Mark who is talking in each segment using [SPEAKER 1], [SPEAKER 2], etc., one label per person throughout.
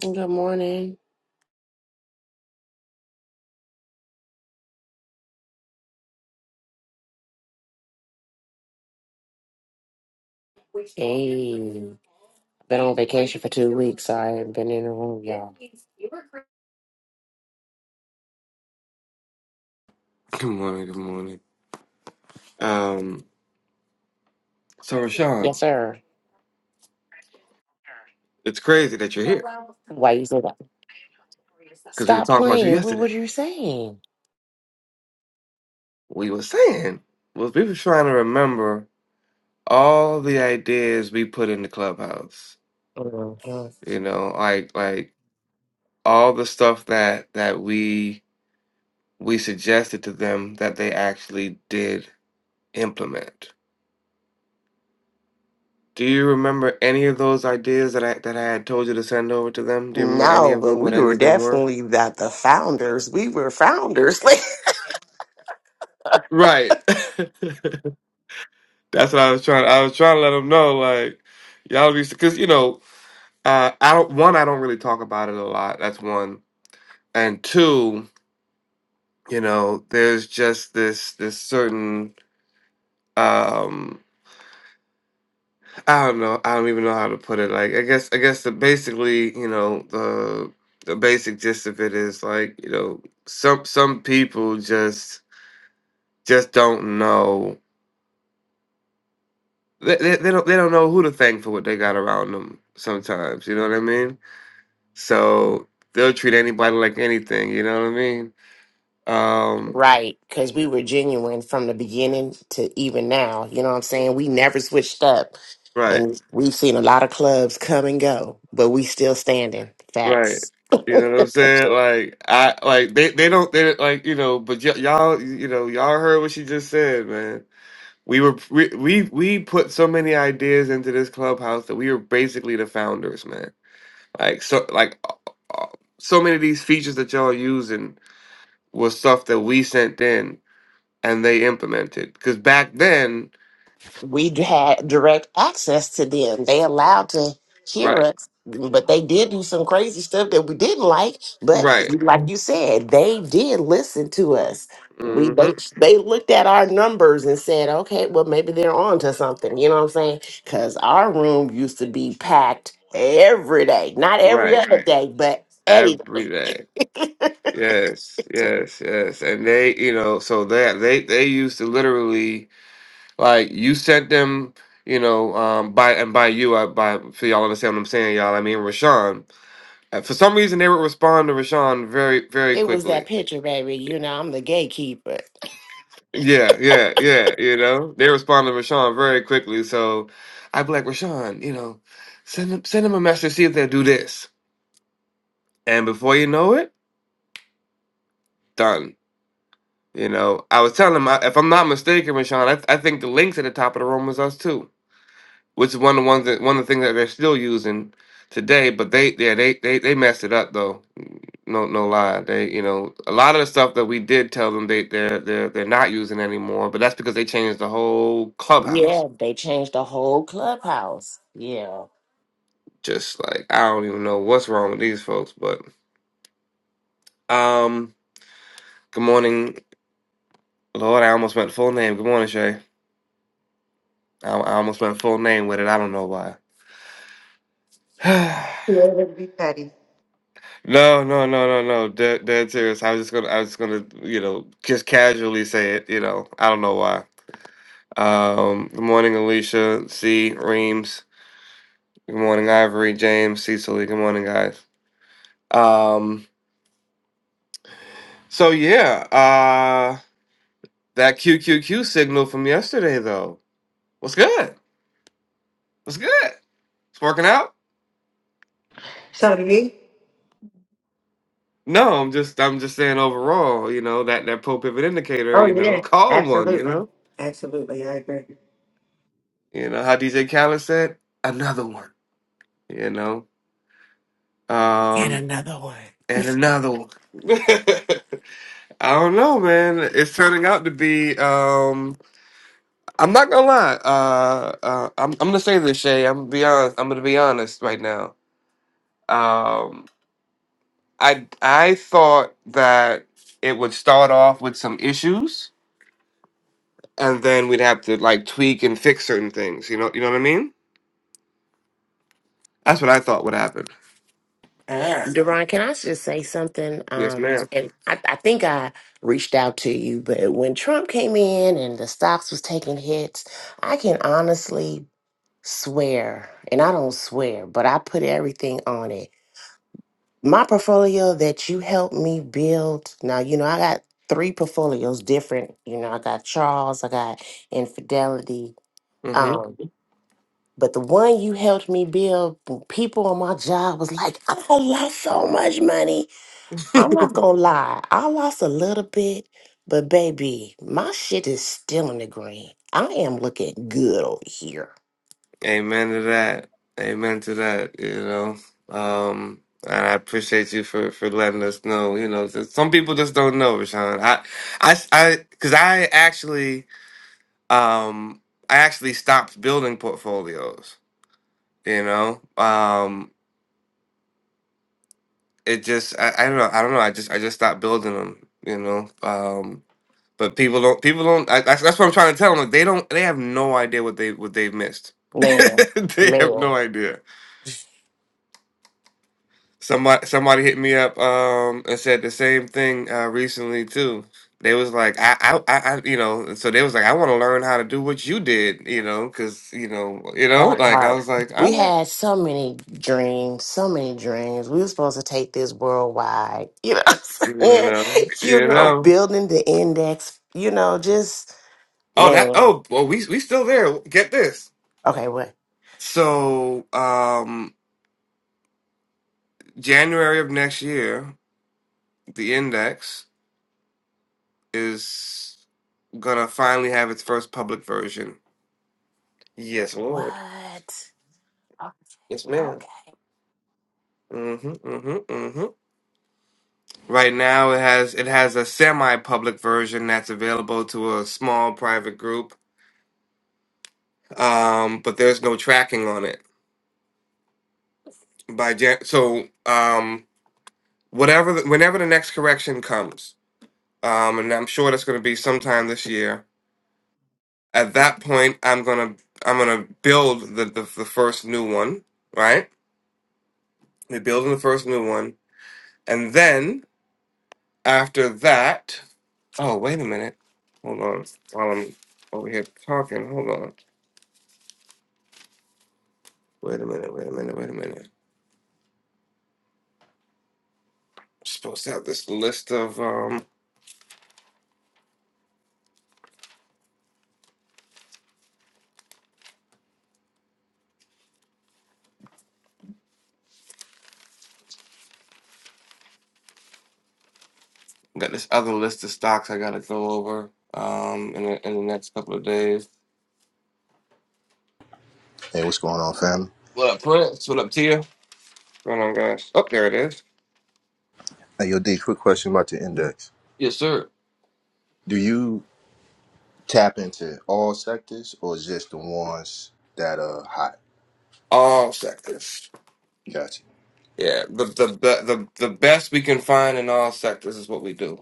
[SPEAKER 1] Good morning. Hey, been on vacation for two weeks. so I haven't been in the room, y'all.
[SPEAKER 2] Good morning. Good morning. Um, so Rashawn,
[SPEAKER 1] Yes, sir.
[SPEAKER 2] it's crazy that you're here
[SPEAKER 1] Why you say that?
[SPEAKER 2] because we were
[SPEAKER 1] Stop
[SPEAKER 2] talking about you
[SPEAKER 1] playing. What were
[SPEAKER 2] yesterday.
[SPEAKER 1] you saying?
[SPEAKER 2] We were saying was we were trying to remember all the ideas we put in the clubhouse.
[SPEAKER 1] Mhm.
[SPEAKER 2] You know, like like all the stuff that that we we suggested to them that they actually did implement. Do you remember any of those ideas that I that I had told you to send over to them? Do you remember any
[SPEAKER 1] No,
[SPEAKER 2] of
[SPEAKER 1] but
[SPEAKER 2] them? What
[SPEAKER 1] we
[SPEAKER 2] any
[SPEAKER 1] were
[SPEAKER 2] of them were?
[SPEAKER 1] definitely not the founders. We were founders.
[SPEAKER 2] Right. That's what I was trying. I was trying to let them know, like y'all be, because you know, uh, I don't. One, I don't really talk about it a lot. That's one, and two, you know, there's just this this certain. um I don't know. I don't even know how to put it. Like I guess I guess the basically, you know, the the basic gist of it is like you know, some some people just just don't know. They, they, they don't they don't know who to thank for what they got around them. Sometimes, you know what I mean So they'll treat anybody like anything, you know what I mean? Um,
[SPEAKER 1] Right, because we were genuine from the beginning to even now. You know what I'm saying? We never switched up.
[SPEAKER 2] right,
[SPEAKER 1] And we've seen a lot of clubs come and go, but we still standing.
[SPEAKER 2] right.
[SPEAKER 1] Facts.
[SPEAKER 2] You know what I'm saying? Like I like they they don't they like you know, but y- y'all you know y'all heard what she just said, man. We were we, we we put so many ideas into this clubhouse that we were basically the founders, man. Like so like uh, uh, so many of these features that y'all using was stuff that we sent in and they implemented. Because back then,
[SPEAKER 1] we had direct access to them. They allowed to hear
[SPEAKER 2] right,
[SPEAKER 1] us, but they did do some crazy stuff that we didn't like. But
[SPEAKER 2] right,
[SPEAKER 1] like you said, they did listen to us. We
[SPEAKER 2] hmm
[SPEAKER 1] they, they looked at our numbers and said, okay, well maybe they're on to something. You know what I'm saying? Because our room used to be packed every day, not every
[SPEAKER 2] right
[SPEAKER 1] other day, but any
[SPEAKER 2] Every day.
[SPEAKER 1] day.
[SPEAKER 2] Yes, yes, yes. And they, you know, so they they they used to literally like you sent them, you know, um by and by you I by for y'all understand what I'm saying, y'all. I mean Rashawn. Uh, For some reason they would respond to Rashawn very, very
[SPEAKER 1] It was
[SPEAKER 2] quickly.
[SPEAKER 1] that picture, baby. You know, I'm the gatekeeper.
[SPEAKER 2] Yeah, yeah, yeah, you know. They respond to Rashawn very quickly. So I'd be like, Rashawn, you know, send them send them a message, see if they'll do this. And before you know it, done. You know, I was telling him, I- if I'm not mistaken, Rashawn, I, th- I think the links at the top of the room was us too, which is one of the ones that one of the things that they're still using today. But they, yeah, they they they messed it up though. No, no lie. They, you know, a lot of the stuff that we did tell them they they're they're they're not using anymore. But that's because they changed the whole clubhouse.
[SPEAKER 1] Yeah, they changed the whole clubhouse. Yeah.
[SPEAKER 2] Just like I don't even know what's wrong with these folks. But um, good morning, Lord. I almost went full name. Good morning, Shay. I, I almost went full name with it. I don't know why.
[SPEAKER 3] Yeah, it would be petty.
[SPEAKER 2] No, no, no, no, no. Dead, dead serious. I was just gonna, I was just gonna, you know, just casually say it. You know, I don't know why. Um, good morning, Alicia, C, Reams. Good morning, Ivory, James, Cecily. Good morning, guys. Um, so yeah, uh, that Q Q Q signal from yesterday though. What's good? What's good? It's working out.
[SPEAKER 3] So do you?
[SPEAKER 2] No, I'm just, I'm just saying overall. You know that that pro pivot indicator.
[SPEAKER 3] Oh
[SPEAKER 2] You know,
[SPEAKER 3] yeah,
[SPEAKER 2] call one. You
[SPEAKER 3] absolutely,
[SPEAKER 2] know,
[SPEAKER 3] absolutely. I agree.
[SPEAKER 2] you know how DJ Khaled said, another one. You know. Um, and another one. I don't know, man. It's turning out to be. Um, I'm not gonna lie. Uh, uh, I'm, I'm gonna say this, Shay. I'm gonna be honest. I'm gonna be honest right now. Um, I I thought that it would start off with some issues, and then we'd have to like tweak and fix certain things. You know, you know what I mean? That's what I thought would happen.
[SPEAKER 3] Ah,
[SPEAKER 1] Deron, can I just say something?
[SPEAKER 2] Yes,
[SPEAKER 1] Um,
[SPEAKER 2] madam
[SPEAKER 1] and I, I think I reached out to you, but when Trump came in and the stocks was taking hits, I can honestly swear, and I don't swear, but I put everything on it. My portfolio that you helped me build. Now, you know, I got three portfolios different. You know, I got Charles, I got Infidelity, um, But the one you helped me build, people on my job was like, I lost so much money. I'm not gonna lie, I lost a little bit, but baby, my shit is still in the green. I am looking good over here.
[SPEAKER 2] Amen to that. Amen to that. You know, um, and I appreciate you for for letting us know. You know, that some people just don't know, Rashawn. I, I, I, because I actually, um, I actually stopped building portfolios. You know, um, it just, I, I don't know, I don't know. I just, I just stopped building them. You know, um, but people don't, people don't. I, that's, that's what I'm trying to tell them. Like, they don't, they have no idea what they what they've missed.
[SPEAKER 1] Man,
[SPEAKER 2] they have no
[SPEAKER 1] man.
[SPEAKER 2] idea Somebody somebody hit me up um and said the same thing uh recently too. They was like I I I I- you know and so they was like I want to learn how to do what you did you know because you know you know
[SPEAKER 1] That
[SPEAKER 2] like I
[SPEAKER 1] part.
[SPEAKER 2] was like all
[SPEAKER 1] We
[SPEAKER 2] right
[SPEAKER 1] had so many dreams, so many dreams. We were supposed to take this worldwide. You know what
[SPEAKER 2] you
[SPEAKER 1] I'm saying?
[SPEAKER 2] know
[SPEAKER 1] You
[SPEAKER 2] you
[SPEAKER 1] know,
[SPEAKER 2] know
[SPEAKER 1] building the index, you know, just
[SPEAKER 2] oh that
[SPEAKER 1] man.
[SPEAKER 2] oh well we we still there get this
[SPEAKER 1] Okay, what?
[SPEAKER 2] so um January of next year the index is gonna finally have its first public version. Yes, Lord.
[SPEAKER 1] What?
[SPEAKER 2] Yes, madam
[SPEAKER 1] Okay.
[SPEAKER 2] Mm-hmm. Mm-hmm. mm-hmm. Right now, it has it has a semi-public version that's available to a small private group, um, but there's no tracking on it. By Jan- so um, whatever, the, whenever the next correction comes, um, and I'm sure that's going to be sometime this year. At that point, I'm gonna I'm gonna build the the, the first new one. Right, we're building the first new one, and then after that, oh wait a minute, hold on, while I'm over here talking, hold on. Wait a minute, wait a minute, wait a minute. I'm supposed to have this list of um got this other list of stocks I gotta go over um in the in the next couple of days.
[SPEAKER 4] Hey, what's going on, fam?
[SPEAKER 2] What up, Prince? What up, Tia? What's going on, guys? Oh, there it is.
[SPEAKER 4] Hey, yo, D, quick question about the index.
[SPEAKER 2] Yes, sir.
[SPEAKER 4] Do you tap into all sectors or just the ones that are hot?
[SPEAKER 2] All sectors.
[SPEAKER 4] Gotcha.
[SPEAKER 2] Yeah, the the the the, the best we can find in all sectors is what we do.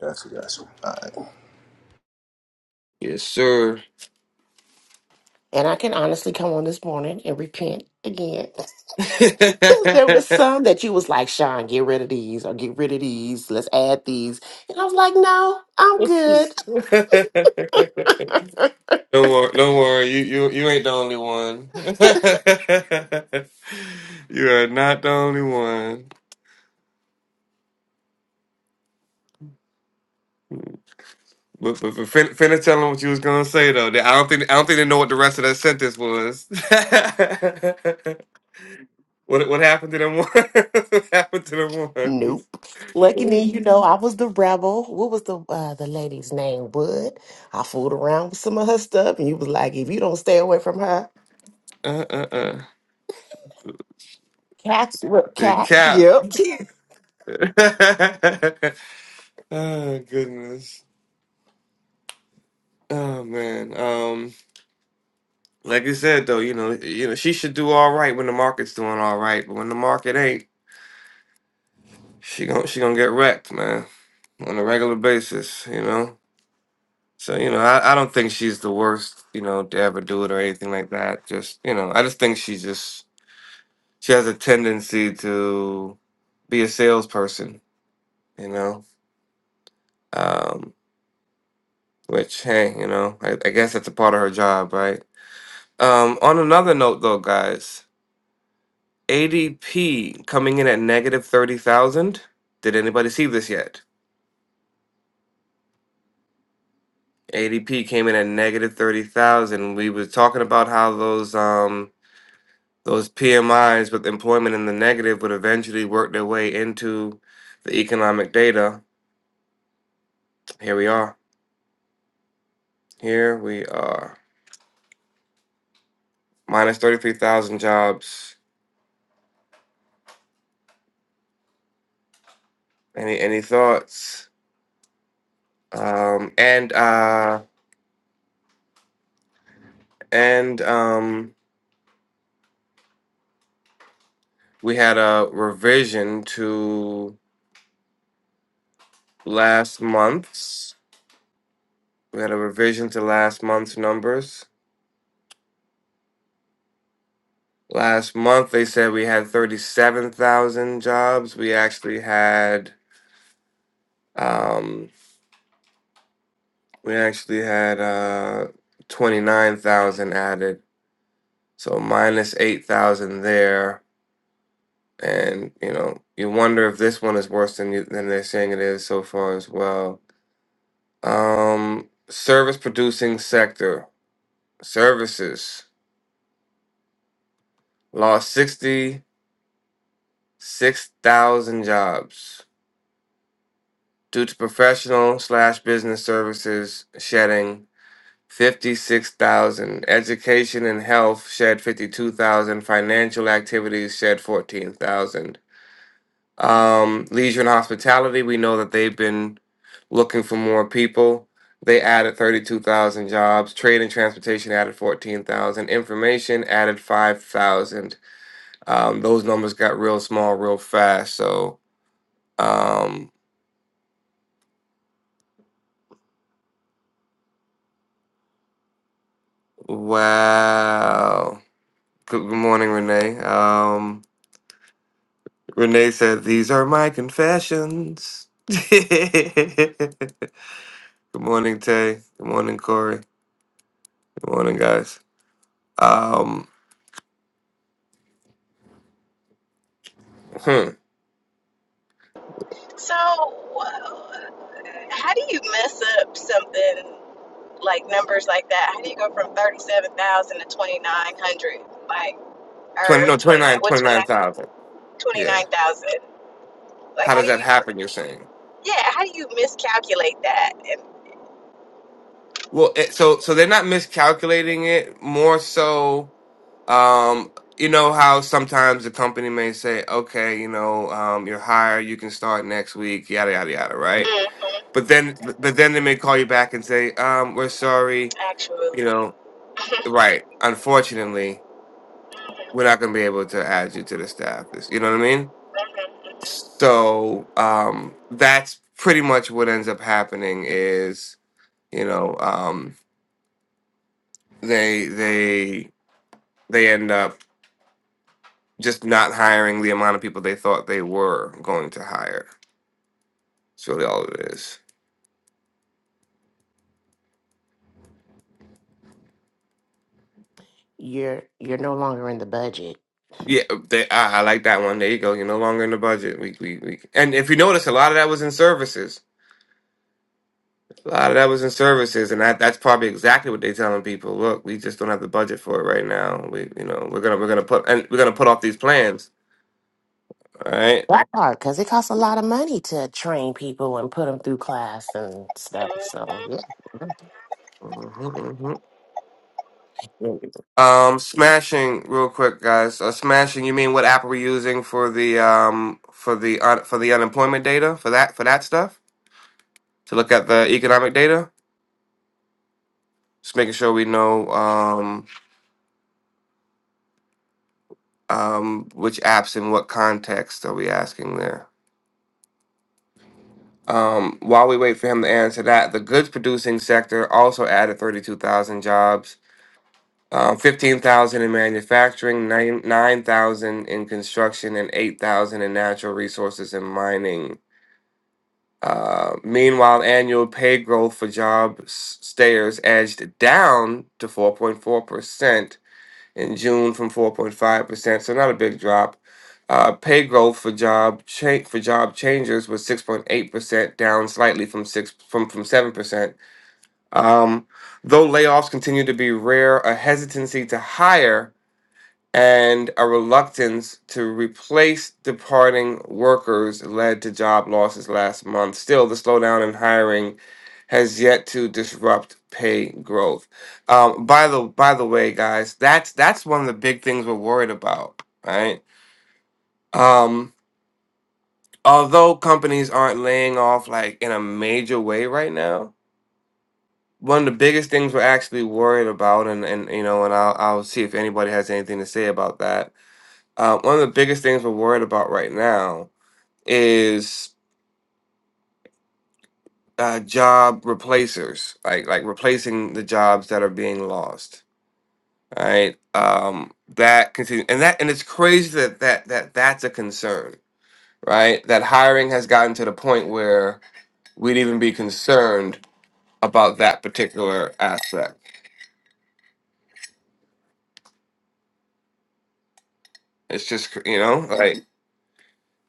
[SPEAKER 4] Gotcha, gotcha. All right.
[SPEAKER 2] Yes, sir.
[SPEAKER 1] And I can honestly come on this morning and repent again. Because there was some that you was like, Sean, get rid of these or get rid of these. Let's add these. And I was like, no, I'm good.
[SPEAKER 2] Don't worry, don't worry. You you you ain't the only one. you are not the only one. But but, but fin- finna tell them what you was gonna say though. They- I don't think I don't think they know what the rest of that sentence was. what what happened to them ones? what happened to them
[SPEAKER 1] Nope. Lucky me, you
[SPEAKER 2] ones?
[SPEAKER 1] know, I was the rebel. What was the uh, the lady's name? Wood. I fooled around with some of her stuff, and you was like, if you don't stay away from her,
[SPEAKER 2] Uh uh uh.
[SPEAKER 1] cats, what,
[SPEAKER 2] The
[SPEAKER 1] cat?
[SPEAKER 2] cap.
[SPEAKER 1] Yep.
[SPEAKER 2] oh goodness. Oh man. Um, Like I said though, you know, you know, she should do all right when the market's doing all right, but when the market ain't, she gon' she gonna get wrecked, man, on a regular basis, you know. So you know, I, I don't think she's the worst, you know, to ever do it or anything like that. Just you know, I just think she just she has a tendency to be a salesperson, you know. Um, which hey, you know, I, I guess that's a part of her job, right? Um, on another note though, guys. ADP coming in at negative 30,000. Did anybody see this yet? ADP came in at negative 30,000. We were talking about how those um those PMIs with employment in the negative would eventually work their way into the economic data. Here we are. Here we are. Minus 33,000 jobs. Any any thoughts? Um and uh and um we had a revision to last month's. We had a revision to last month's numbers. Last month, they said we had 37,000 jobs. We actually had, um, we actually had uh, 29,000 added. So minus 8,000 there. And, you know, you wonder if this one is worse than you, than they're saying it is so far as well. Um, service producing sector, services lost 60. 6,000 jobs due to professional slash business services shedding 56,000. Education and health shed 52,000. Financial activities shed 14,000. Um, leisure and hospitality, we know that they've been looking for more people. They added 32,000 jobs. Trade and transportation added 14,000. Information added 5,000. Um, those numbers got real small real fast. So, um, Wow. Good good morning, Renee. Um, Renee said, These are my confessions. Good morning, Tay. Good morning, Corey. Good morning, guys. Um, hmm.
[SPEAKER 5] So, how do you mess up something like numbers like that? How do you go from 37,000 to 2,900? Like,
[SPEAKER 2] 20,
[SPEAKER 5] or
[SPEAKER 2] no, twenty
[SPEAKER 5] 29,
[SPEAKER 2] nine
[SPEAKER 5] what,
[SPEAKER 2] twenty nine
[SPEAKER 5] 29
[SPEAKER 2] thousand. Yeah.
[SPEAKER 5] 29,000? like,
[SPEAKER 2] How
[SPEAKER 5] how
[SPEAKER 2] does
[SPEAKER 5] do
[SPEAKER 2] that
[SPEAKER 5] you,
[SPEAKER 2] happen, you're saying?
[SPEAKER 5] yeah, how do you miscalculate that? And,
[SPEAKER 2] Well, it, so so they're not miscalculating it, more so, um, you know how sometimes the company may say, okay, you know, um, you're hired, you can start next week, yada, yada, yada, right?
[SPEAKER 5] mm,
[SPEAKER 2] but then but then they may call you back and say um we're sorry you
[SPEAKER 5] actually,
[SPEAKER 2] know right unfortunately we're not going to be able to add you to the staff this you know what i mean
[SPEAKER 5] hmm
[SPEAKER 2] so um that's pretty much what ends up happening is you know um they they they end up just not hiring the amount of people they thought they were going to hire that's really all it is
[SPEAKER 1] You're you're no longer in the budget.
[SPEAKER 2] yeah, they, I, I like that one. There you go. You're no longer in the budget. We, we, we, and if you notice, a lot of that was in services A lot of that was in services, and that that's probably exactly what they're telling people. Look, we just don't have the budget for it right now. We, you know, we're gonna we're gonna put and we're gonna put off these plans. All right.
[SPEAKER 1] That part, because it costs a lot of money to train people and put them through class and stuff. So
[SPEAKER 5] hmm
[SPEAKER 1] yeah.
[SPEAKER 2] Um, smashing real quick, guys. Uh, smashing. You mean what app are we using for the um for the un- for the unemployment data for that for that stuff to look at the economic data? Just making sure we know um um which apps in what context are we asking there. Um, while we wait for him to answer that, the goods producing sector also added 32,000 jobs, um, 15,000 in manufacturing, nine- 9,000 in construction, and 8,000 in natural resources and mining. Uh, meanwhile, annual pay growth for job s- stayers edged down to 4.4% in June from 4.5%, so not a big drop. Uh, pay growth for job cha- for job changers was 6.8%, down slightly from six from from 7%. Um, though layoffs continue to be rare, a hesitancy to hire and a reluctance to replace departing workers led to job losses last month. Still, the slowdown in hiring has yet to disrupt pay growth. Um, by the by the way, guys, that's that's one of the big things we're worried about, right? Um, although companies aren't laying off like in a major way right now, one of the biggest things we're actually worried about, and and you know, and I'll I'll see if anybody has anything to say about that Uh, one of the biggest things we're worried about right now is uh, job replacers, like like replacing the jobs that are being lost. Right? Um, that continues, and that and it's crazy that that that that's a concern. Right? That hiring has gotten to the point where we'd even be concerned about that particular aspect. It's just cr- you know like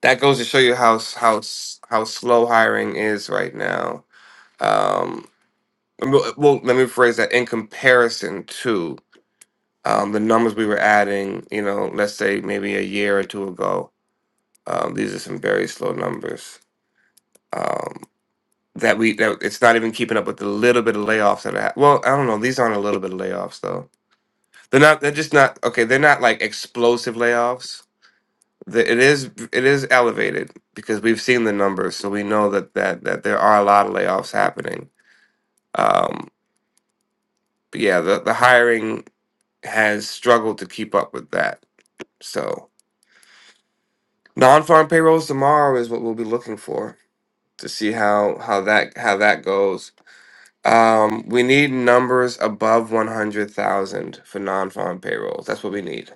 [SPEAKER 2] that goes to show you how s- how s- how slow hiring is right now. Um, Well, uh, well, let me rephrase that. In comparison to um, the numbers we were adding, you know, let's say maybe a year or two ago, um, these are some very slow numbers. Um, that we that it's not even keeping up with the little bit of layoffs that are. hap- Well, I don't know. These aren't a little bit of layoffs though. They're not. They're just not okay. They're not like explosive layoffs. The- It is it is elevated because we've seen the numbers, so we know that that that there are a lot of layoffs happening. Um, but yeah, the the hiring. has struggled to keep up with that. So non-farm payrolls tomorrow is what we'll be looking for to see how how that how that goes. Um, we need numbers above one hundred thousand for non-farm payrolls. That's what we need.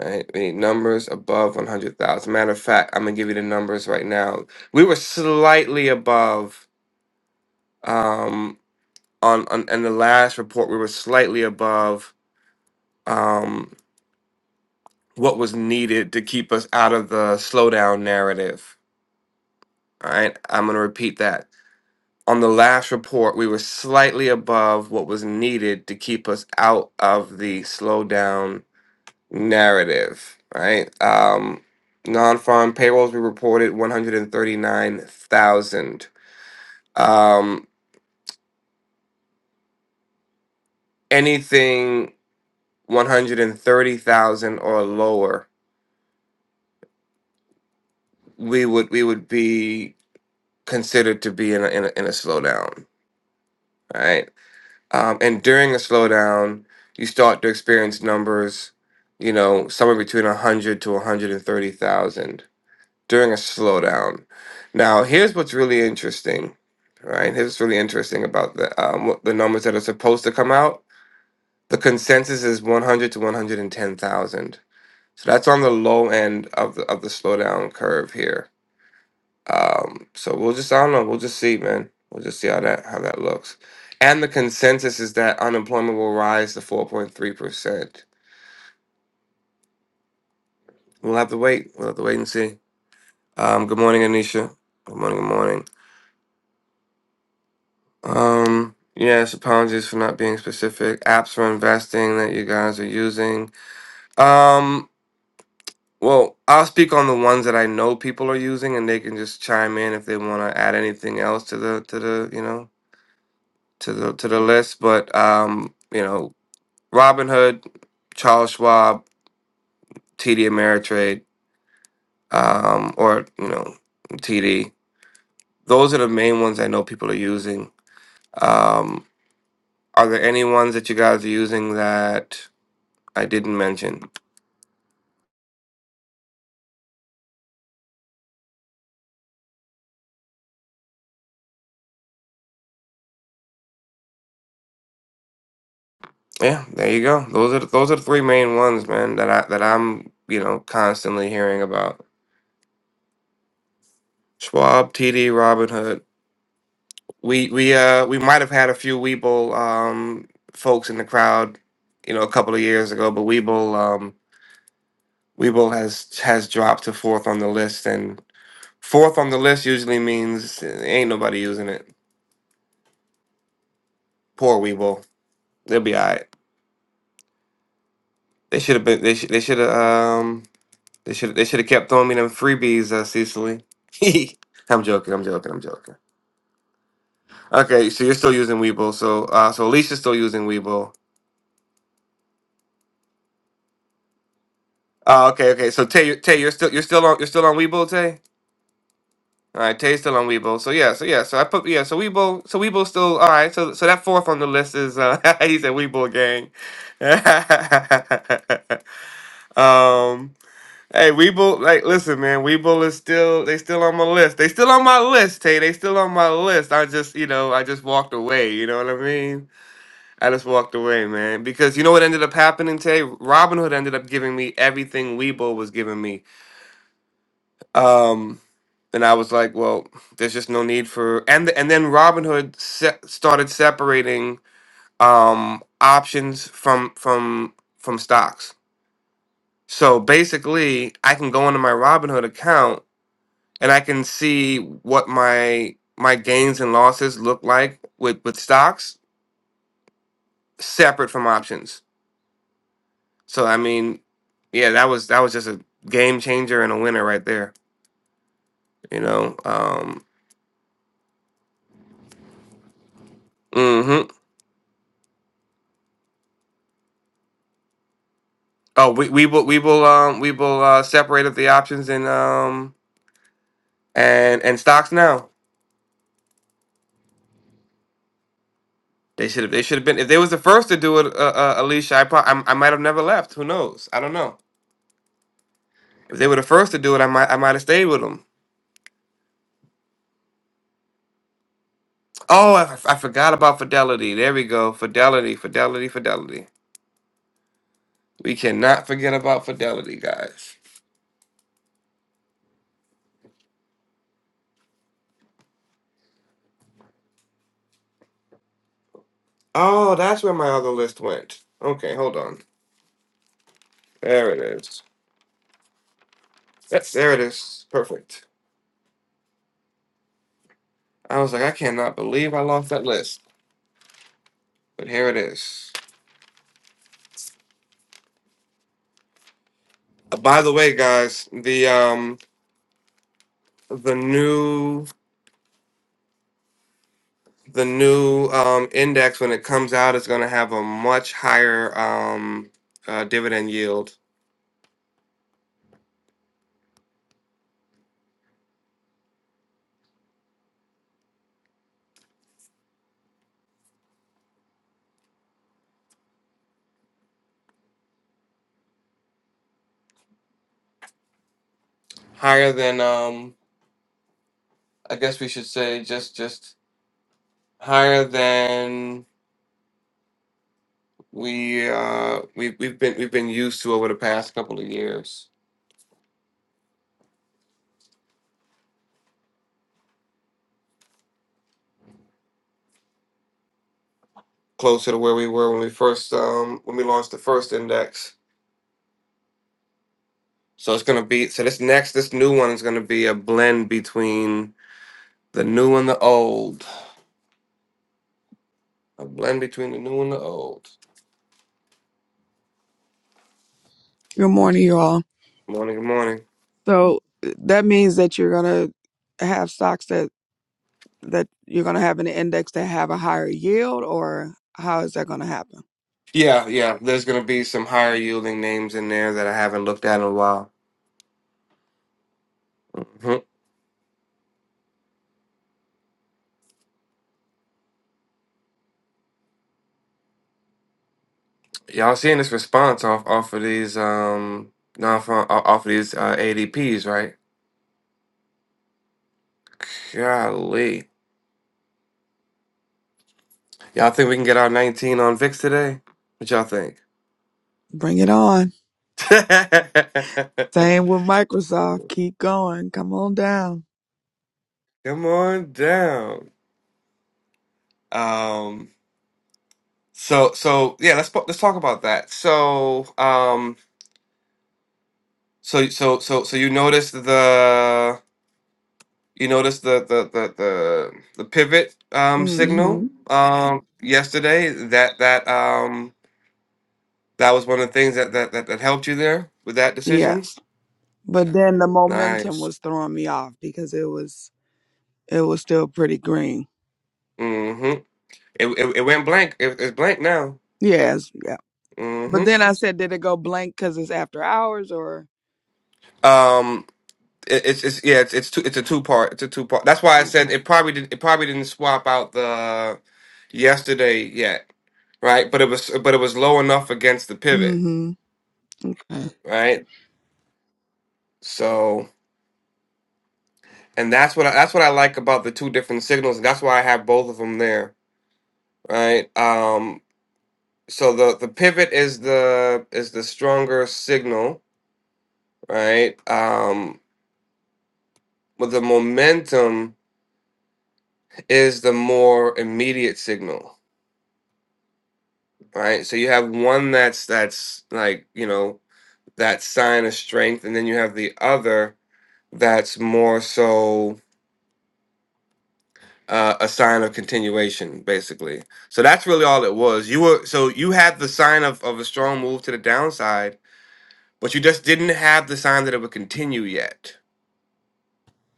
[SPEAKER 2] All right, we need numbers above one hundred thousand. Matter of fact, I'm gonna give you the numbers right now. We were slightly above um, on on in the last report. We were slightly above. Um, what was needed to keep us out of the slowdown narrative. All right, I'm going to repeat that. On the last report, we were slightly above what was needed to keep us out of the slowdown narrative. All Right, um, non-farm payrolls we reported 139,000. Um, anything 130,000 or lower, we would we would be considered to be in a, in a, in a slowdown. All Right Um, and during a slowdown, you start to experience numbers, you know, somewhere between 100 to 130,000 during a slowdown. Now, here's what's really interesting, right? Here's what's really interesting about the um, what- the numbers that are supposed to come out. The consensus is 100 to 110,000. So that's on the low end of the, of the slowdown curve here um, so we'll just I don't know, we'll just see, man. We'll just see how that how that looks. And the consensus is that unemployment will rise to four point three percent. We'll have to wait. We'll have to wait and see. Um, good morning, Anisha. Good morning, good morning. Um, yes, apologies for not being specific. Apps for investing that you guys are using. Um, well, I'll speak on the ones that I know people are using and they can just chime in if they want to add anything else to the to the, you know, to the to the list. But um, you know, Robinhood, Charles Schwab, TD Ameritrade, um, or you know TD. Those are the main ones I know people are using. Um, are there any ones that you guys are using that I didn't mention? Yeah, there you go. Those are those are the three main ones, man. That I that I'm you know constantly hearing about. Schwab, TD, Robinhood. We we uh we might have had a few Weeble um folks in the crowd, you know, a couple of years ago, but Weeble um Weibo has has dropped to fourth on the list, and fourth on the list usually means ain't nobody using it. Poor Weibo, they'll be alright. They should have been. They should. They should have. Um. They should. They should have kept throwing me them freebies, uh, Cecily. I'm joking. I'm joking. I'm joking. Okay, so you're still using Weibo. So, uh, so Alicia's still using Weibo. Uh, okay, okay. So Tay, Tay, you're still you're still on you're still on Weibo, Tay. All right, Tay still on Weibo. So yeah, so yeah, so I put yeah, so Weibo, so Weibo still all right. So so that fourth on the list is uh he said Weibo gang. um, hey Weibo, like listen, man, Weibo is still they still on my list. They still on my list, Tay. They still on my list. I just you know I just walked away. You know what I mean? I just walked away, man, because you know what ended up happening, Tay. Robinhood ended up giving me everything Weibo was giving me. Um, and I was like, well, there's just no need for and and then Robinhood se- started separating um options from from from stocks. So basically, I can go into my Robinhood account and I can see what my my gains and losses look like with with stocks separate from options. So I mean, yeah, that was that was just a game changer and a winner right there, you know. Um mhm. Oh, we, we will we will um we will uh separate up the options and um and and stocks now. They should have they should have been if they was the first to do it, uh, uh, Alicia. I, pro- I I might have never left. Who knows? I don't know. If they were the first to do it, I might I might have stayed with them. Oh, I, I forgot about Fidelity. There we go. Fidelity, Fidelity, Fidelity. We cannot forget about Fidelity, guys. Oh, that's where my other list went. Okay, hold on. There it is. Yes, there it is. Perfect. I was like, I cannot believe I lost that list. But here it is. Uh, By the way, guys, the um the new the new um index when it comes out is going to have a much higher um uh, dividend yield, higher than um I guess we should say just just higher than we uh we we've been we've been used to over the past couple of years, closer to where we were when we first um when we launched the first index. So it's going to be so this next this new one is going to be a blend between The new and the old. A blend between the new and the old.
[SPEAKER 6] Good morning, you all.
[SPEAKER 2] Morning, good morning.
[SPEAKER 6] So that means that you're gonna have stocks that that you're gonna have an index that have a higher yield, or how is that gonna happen?
[SPEAKER 2] Yeah, yeah. There's gonna be some higher yielding names in there that I haven't looked at in a while. hmm Y'all seeing this response off off of these um non off of these uh, ADPs, right? Golly, y'all think we can get our 19 on VIX today? What y'all think?
[SPEAKER 6] Bring it on. Same with Microsoft. Keep going. Come on down.
[SPEAKER 2] Come on down. Um. So so yeah, let's let's talk about that. So um. So so so so you noticed the you noticed the the the the, the pivot um signal
[SPEAKER 6] Mm-hmm.
[SPEAKER 2] um yesterday that that um that was one of the things that that that, that helped you there with that decision.
[SPEAKER 6] Yes, but then the momentum
[SPEAKER 2] Nice.
[SPEAKER 6] was throwing me off because it was it was still pretty green.
[SPEAKER 2] Mm-hmm. It it, it went blank. It, it's blank now.
[SPEAKER 6] Yes, yeah. But
[SPEAKER 2] Mm-hmm.
[SPEAKER 6] then I said, did it go blank because it's after hours or
[SPEAKER 2] Um. It, it's it's yeah. It's it's two. It's a two part. It's a two part. That's why I
[SPEAKER 6] okay?
[SPEAKER 2] said it probably did. It probably didn't swap out the yesterday yet, right? But it was but it was low enough against the pivot
[SPEAKER 6] Mm-hmm. Okay.
[SPEAKER 2] right? So, and that's what I, that's what I like about the two different signals, and that's why I have both of them there, right? Um, so the the pivot is the is the stronger signal, right? Um, but the momentum is the more immediate signal, right? So you have one that's that's like you know that sign of strength, and then you have the other that's more so uh, a sign of continuation, basically. So that's really all it was. You were so you had the sign of, of a strong move to the downside, but you just didn't have the sign that it would continue yet.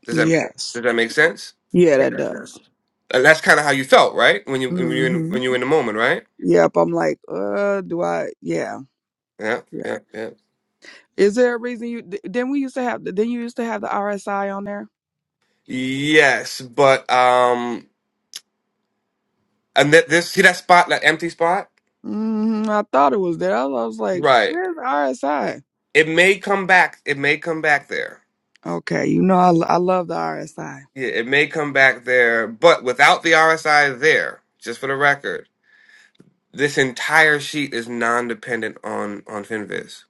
[SPEAKER 2] Does that
[SPEAKER 6] Yes.
[SPEAKER 2] does that make sense?
[SPEAKER 6] Yeah, that
[SPEAKER 2] And
[SPEAKER 6] does.
[SPEAKER 2] that's kind of how you felt, right? When you when you in,
[SPEAKER 6] hmm
[SPEAKER 2] when you were in the moment, right?
[SPEAKER 6] Yep, I'm like, uh, do I? Yeah,
[SPEAKER 2] Yeah,
[SPEAKER 6] yeah.
[SPEAKER 2] yeah, yeah.
[SPEAKER 6] Is there a reason you? th- Then we used to have. Then you used to have the RSI on there.
[SPEAKER 2] Yes, but um, and that this see that spot, that empty spot,
[SPEAKER 6] Mm, I thought it was there. I was like,
[SPEAKER 2] right?
[SPEAKER 6] where's the RSI?
[SPEAKER 2] It may come back. It may come back there
[SPEAKER 6] Okay, you know, I, I love the RSI.
[SPEAKER 2] Yeah, it may come back there, but without the RSI there, just for the record, this entire sheet is non-dependent on on Finviz.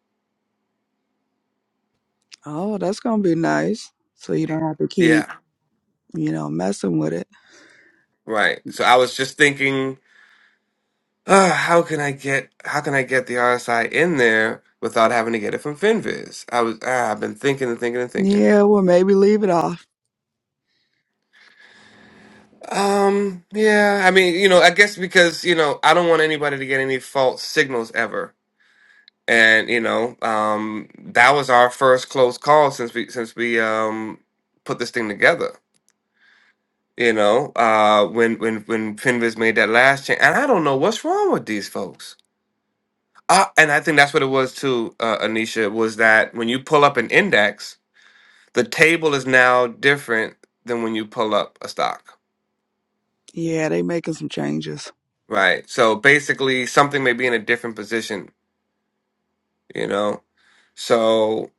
[SPEAKER 6] Oh, that's gonna be nice. So you don't have to keep,
[SPEAKER 2] Yeah,
[SPEAKER 6] you know, messing with it.
[SPEAKER 2] right. So I was just thinking, uh, how can I get how can I get the RSI in there without having to get it from Finviz? I was ah, I've been thinking and thinking and thinking.
[SPEAKER 6] Yeah, well, maybe leave it off.
[SPEAKER 2] Um, yeah, I mean, you know, I guess because, you know, I don't want anybody to get any false signals ever. and you know um that was our first close call since we since we um put this thing together you know uh when when when finviz made that last change and i don't know what's wrong with these folks uh, and i think that's what it was too uh, anisha was that when you pull up an index the table is now different than when you pull up a stock
[SPEAKER 6] Yeah, they making some changes.
[SPEAKER 2] right so basically something may be in a different position you know so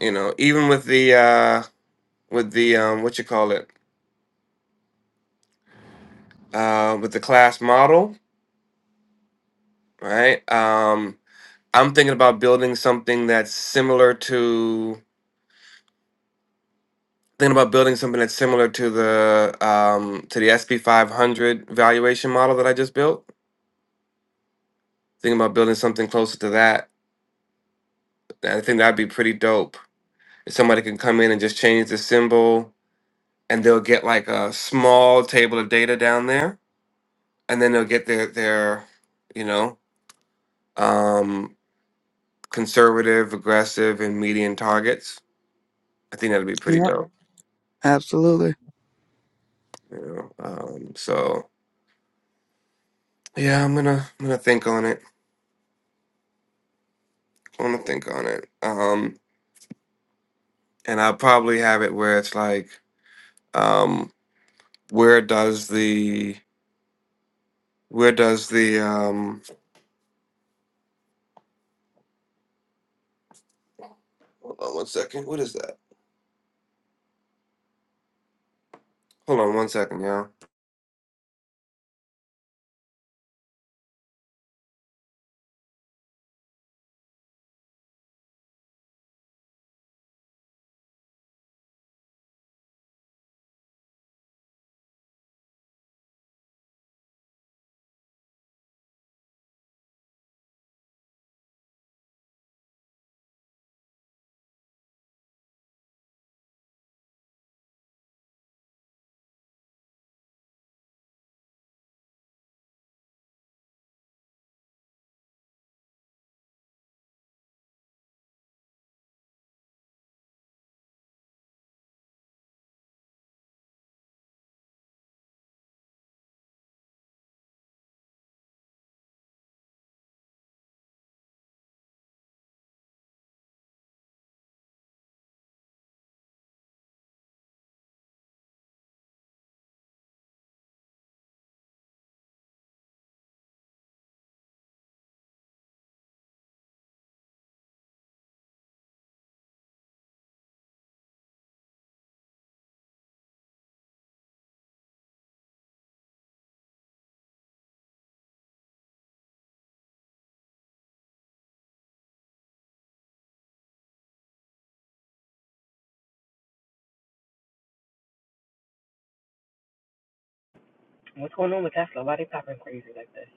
[SPEAKER 2] you know even with the uh with the um what you call it uh, with the class model, right? Um, I'm thinking about building something that's similar to thinking about building something that's similar to the um, to the SP 500 valuation model that I just built. Thinking about building something closer to that. I think that'd be pretty dope. If somebody can come in and just change the symbol, and they'll get like a small table of data down there, and then they'll get their their you know um, conservative, aggressive, and median targets I think that'd be pretty
[SPEAKER 6] Yeah,
[SPEAKER 2] dope.
[SPEAKER 6] absolutely.
[SPEAKER 2] You know, um, so yeah, I'm gonna I'm gonna think on it. I'm gonna think on it. Um, and I'll probably have it where it's like, um, where does the where does the um? Hold on one second. What is that? Hold on one second, y'all.
[SPEAKER 3] What's going on with Tesla? Why they popping crazy like this?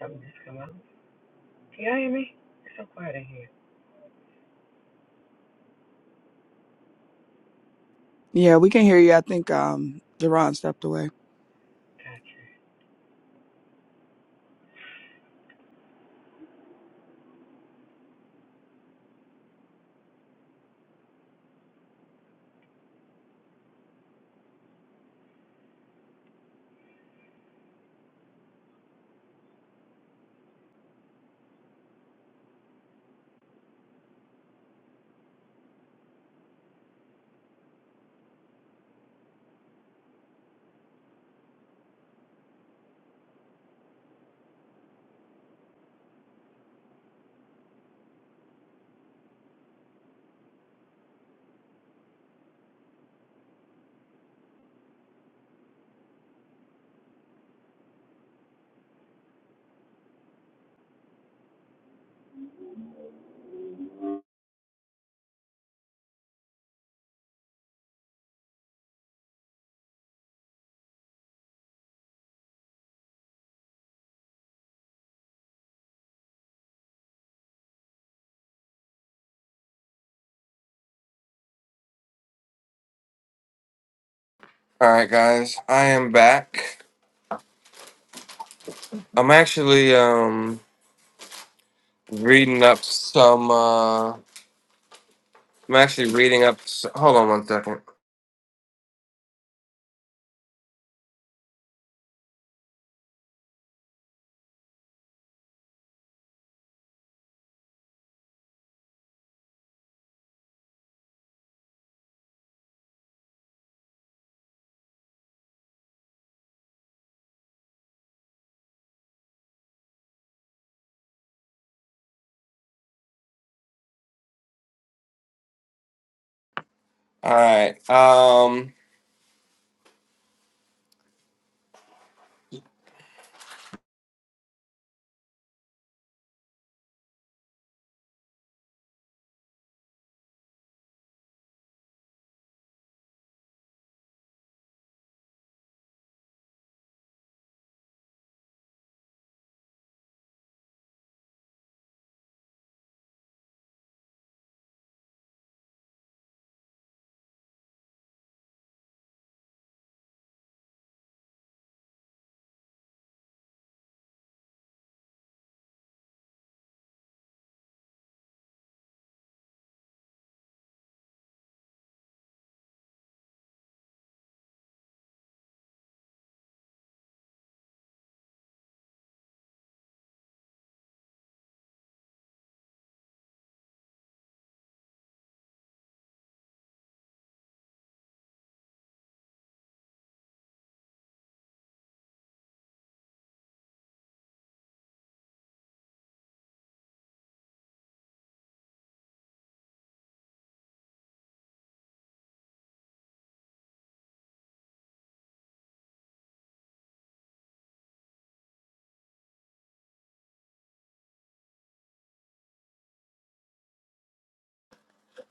[SPEAKER 3] Something just come out. Can y'all hear me? It's so quiet in here.
[SPEAKER 6] Yeah, we can hear you. I think um, Jerron stepped away.
[SPEAKER 3] Gotcha.
[SPEAKER 2] All right, guys, I am back. I'm actually um reading up some. uh I'm actually reading up. s- Hold on one second. All right. Um.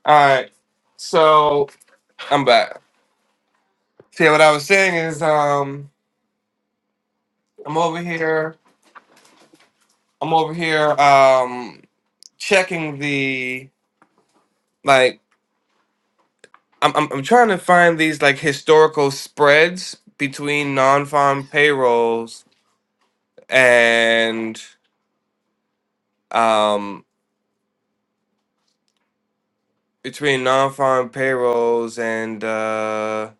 [SPEAKER 2] All right. So I'm back. See, what I was saying is, um, I'm over here. I'm over here um, checking the like. I'm, I'm I'm trying to find these like historical spreads between non-farm payrolls and um, between non-farm payrolls and uh,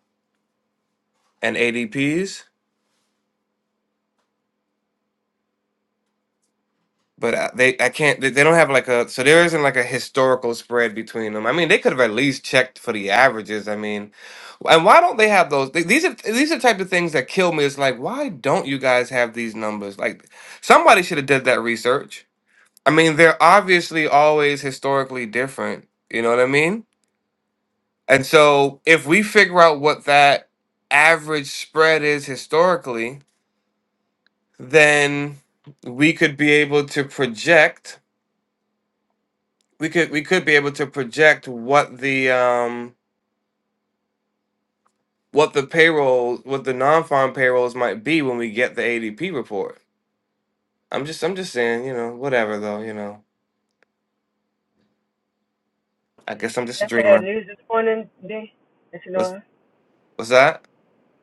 [SPEAKER 2] and ADPs. but I, they I can't they, they don't have like a so there isn't like a historical spread between them. I mean, they could have at least checked for the averages. I mean, and why don't they have those? th- These are these are the type of things that kill me. It's like why don't you guys have these numbers? Like somebody should have did that research. I mean, they're obviously always historically different. You know what I mean? And so if we figure out what that average spread is historically, then we could be able to project we could we could be able to project what the um what the payroll what the non-farm payrolls might be when we get the ADP report. I'm just I'm just saying, you know, whatever though, you know. I guess I'm just a
[SPEAKER 3] Tesla had
[SPEAKER 2] dreamer.
[SPEAKER 3] news this morning, D. Did you
[SPEAKER 2] What's
[SPEAKER 3] know? that?
[SPEAKER 2] what's that?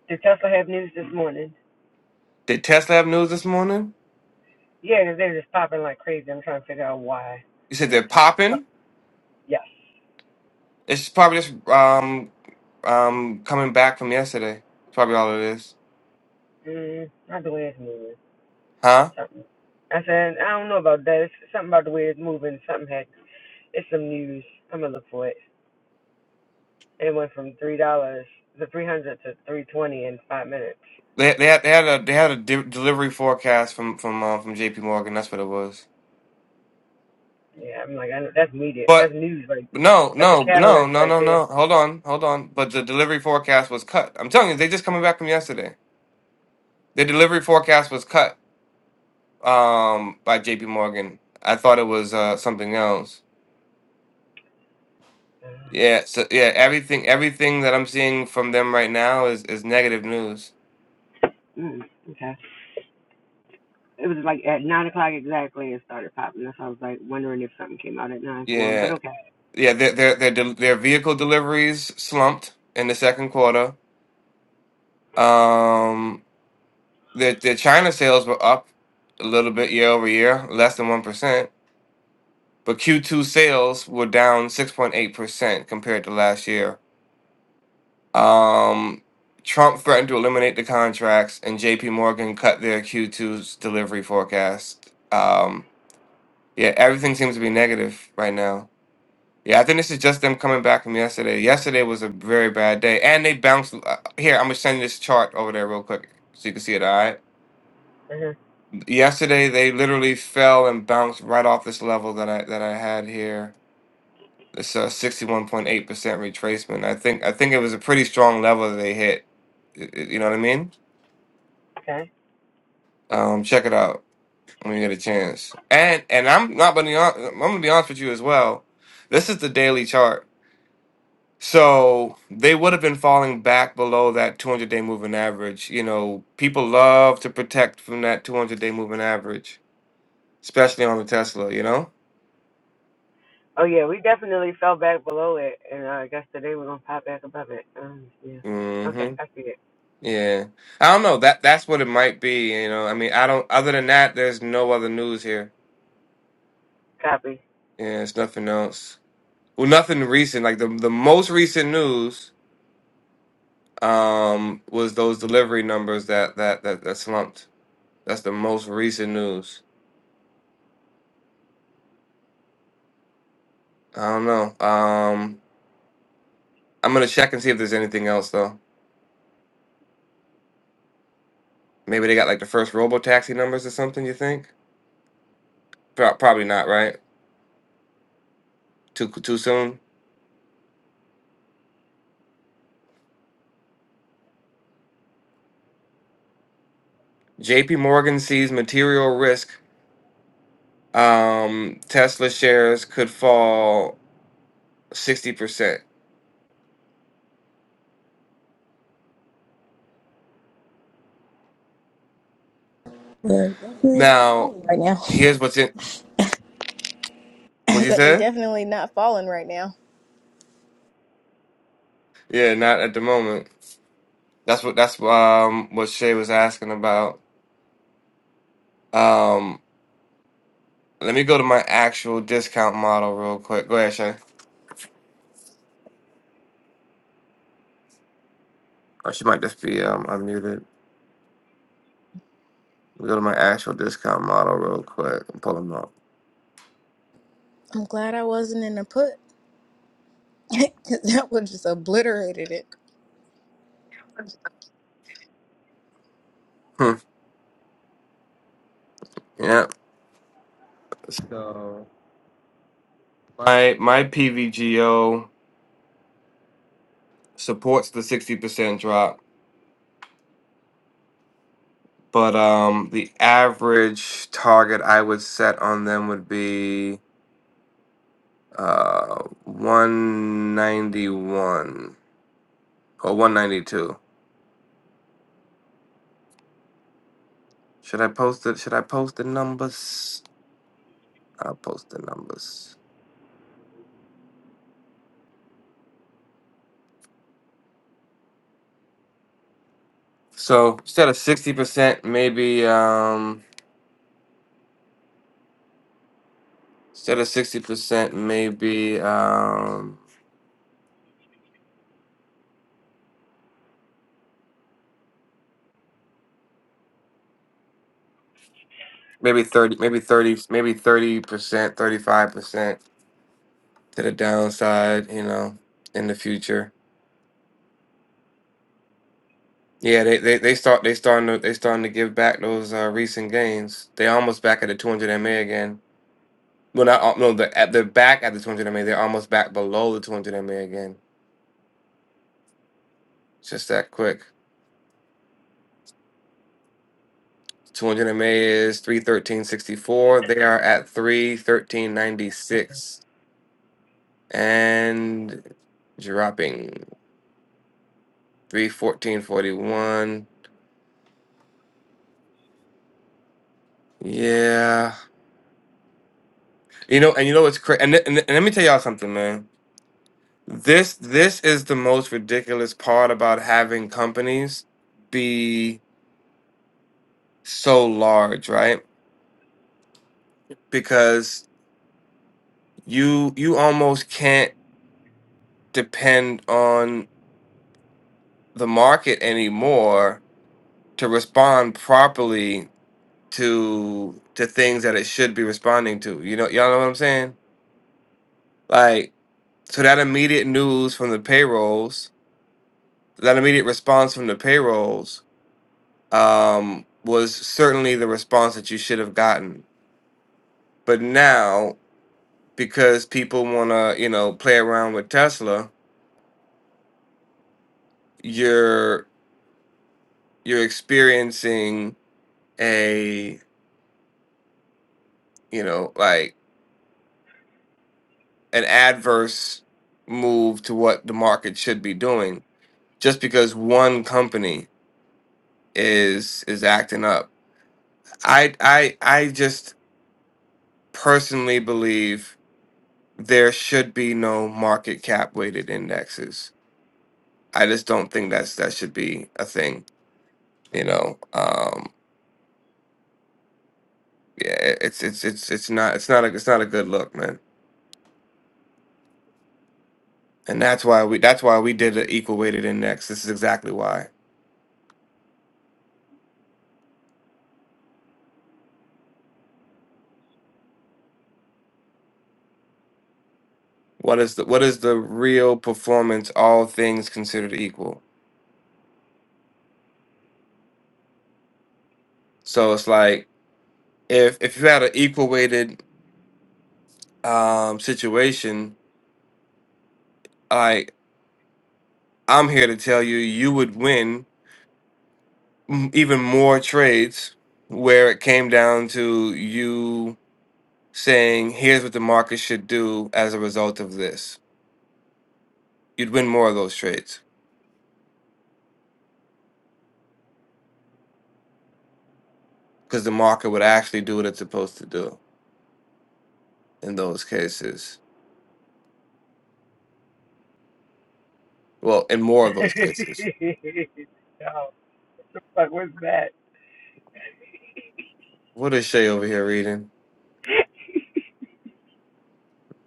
[SPEAKER 3] Did Tesla have news this morning?
[SPEAKER 2] Did Tesla have news this morning?
[SPEAKER 3] Yeah, 'cause they're just popping like crazy. I'm trying to figure out why.
[SPEAKER 2] You said
[SPEAKER 3] Like,
[SPEAKER 2] they're
[SPEAKER 3] so,
[SPEAKER 2] popping?
[SPEAKER 3] yes.
[SPEAKER 2] It's probably just um um coming back from yesterday. It's probably all it is.
[SPEAKER 3] Mm, not the way it's moving.
[SPEAKER 2] Huh?
[SPEAKER 3] Something. I said, I don't know about that. It's something about the way it's moving. Something had. It's some news. I'm gonna look for it. It went from three dollars to three hundred to three twenty in five minutes.
[SPEAKER 2] They they had they had a they had a de- delivery forecast from from uh, from JP Morgan. That's what it was.
[SPEAKER 3] Yeah, I'm like, I know, that's media,
[SPEAKER 2] But
[SPEAKER 3] that's news, like
[SPEAKER 2] No,
[SPEAKER 3] that's a
[SPEAKER 2] no, no,
[SPEAKER 3] catalyst
[SPEAKER 2] no,
[SPEAKER 3] right
[SPEAKER 2] no,
[SPEAKER 3] there.
[SPEAKER 2] no. Hold on, hold on. But the delivery forecast was cut. I'm telling you, they just coming back from yesterday. The delivery forecast was cut um by JP Morgan. I thought it was uh something else.
[SPEAKER 3] Uh,
[SPEAKER 2] Yeah, so yeah, everything everything that I'm seeing from them right now is is negative news.
[SPEAKER 3] mm, okay. It was like at nine o'clock exactly. It started popping. That's why I was like wondering if something came out at nine for him, but
[SPEAKER 2] Yeah.
[SPEAKER 3] okay.
[SPEAKER 2] Yeah, their their their del- their vehicle deliveries slumped in the second quarter. Um their their China sales were up a little bit year over year, less than 1%. But Q2 sales were down 6.8% compared to last year. Um, Trump threatened to eliminate the contracts, and JP Morgan cut their Q2's delivery forecast. Um, yeah, everything seems to be negative right now. Yeah, I think this is just them coming back from yesterday. Yesterday was a very bad day, and they bounced. uh, Here, I'm gonna send you this chart over there real quick so you can see it. All right.
[SPEAKER 3] hmm
[SPEAKER 2] Yesterday, they literally fell and bounced right off this level that I that I had here It's uh, 61.8% retracement. I think I think it was a pretty strong level that they hit. Y- y- You know what I mean?
[SPEAKER 3] Okay.
[SPEAKER 2] Um, check it out when you get a chance. And and I'm not gonna be hon- I'm gonna be honest with you as well. This is the daily chart. So they would have been falling back below that 200 day moving average. You know, people love to protect from that 200 day moving average, especially on the Tesla, you know?
[SPEAKER 3] Oh yeah, we definitely fell back below it, and uh, I guess today we're gonna pop back above it. Um, yeah.
[SPEAKER 2] hmm
[SPEAKER 3] Okay, I see it.
[SPEAKER 2] Yeah. I don't know. That that's what it might be, you know. I mean, I don't other than that, there's no other news here.
[SPEAKER 3] Copy.
[SPEAKER 2] Yeah, it's nothing else. Well, nothing recent. Like the the most recent news um was those delivery numbers that that that, that slumped. That's the most recent news. I don't know. Um I'm gonna check and see if there's anything else though. Maybe they got like the first robo taxi numbers or something, you think? Pro- probably not, right? Too too soon. JP Morgan sees material risk um, Tesla shares could fall sixty percent.
[SPEAKER 5] Right
[SPEAKER 2] Now,
[SPEAKER 5] right now.
[SPEAKER 2] here's what's in what you
[SPEAKER 5] that they
[SPEAKER 2] said.
[SPEAKER 5] definitely not falling right now.
[SPEAKER 2] Yeah, not at the moment. That's what that's um what Shay was asking about. Um, let me go to my actual discount model real quick. Go ahead, Shay. Or she might just be um unmuted. Let me go to my actual discount model real quick and pull them up.
[SPEAKER 5] I'm glad I wasn't in a put. 'Cause that would just obliterated it.
[SPEAKER 2] Hmm. yeah. So my my PVGO supports the sixty percent drop But um, the average target I would set on them would be uh 191 or 192. Should I post it? Should I post the numbers? I'll post the numbers. So instead of 60%, maybe um instead of 60%, maybe um maybe 30, maybe 30, maybe 30%, 35% to the downside, you know, in the future Yeah, they they they start they starting to they starting to give back those uh, recent gains. They almost back at the 200 MA again. Well, not al- no, the at they're back at the 200 MA. They're almost back below the 200 MA again. It's just that quick. 200 MA is 313.64. They are at 313.96 and dropping 314.41. Yeah, you know, and you know what's crazy. And, th- and th- and let me tell y'all something, man. This this is the most ridiculous part about having companies be so large, right? Because you you almost can't depend on the market anymore to respond properly to to things that it should be responding to. You know, y'all know what I'm saying? Like, so that immediate news from the payrolls, that immediate response from the payrolls, um, was certainly the response that you should have gotten But now, because people want to, you know, play around with Tesla, you're you're experiencing a, you know, like an adverse move to what the market should be doing just because one company is is acting up. I I I just personally believe there should be no market cap weighted indexes. I just don't think that's that should be a thing, you know. Um Yeah, it's it's it's it's not it's not a it's not a good look, man. And that's why we that's why we did an equal weighted index. This is exactly why. What is the what is the real performance? All things considered equal. So it's like if if you had an equal weighted um, situation, like I'm here to tell you, you would win m- even more trades where it came down to you saying, "Here's what the market should do as a result of this." You'd win more of those trades because the market would actually do what it's supposed to do in those cases. Well, in more of those cases.
[SPEAKER 3] Yo, what the fuck was that?
[SPEAKER 2] What is Shay over here reading?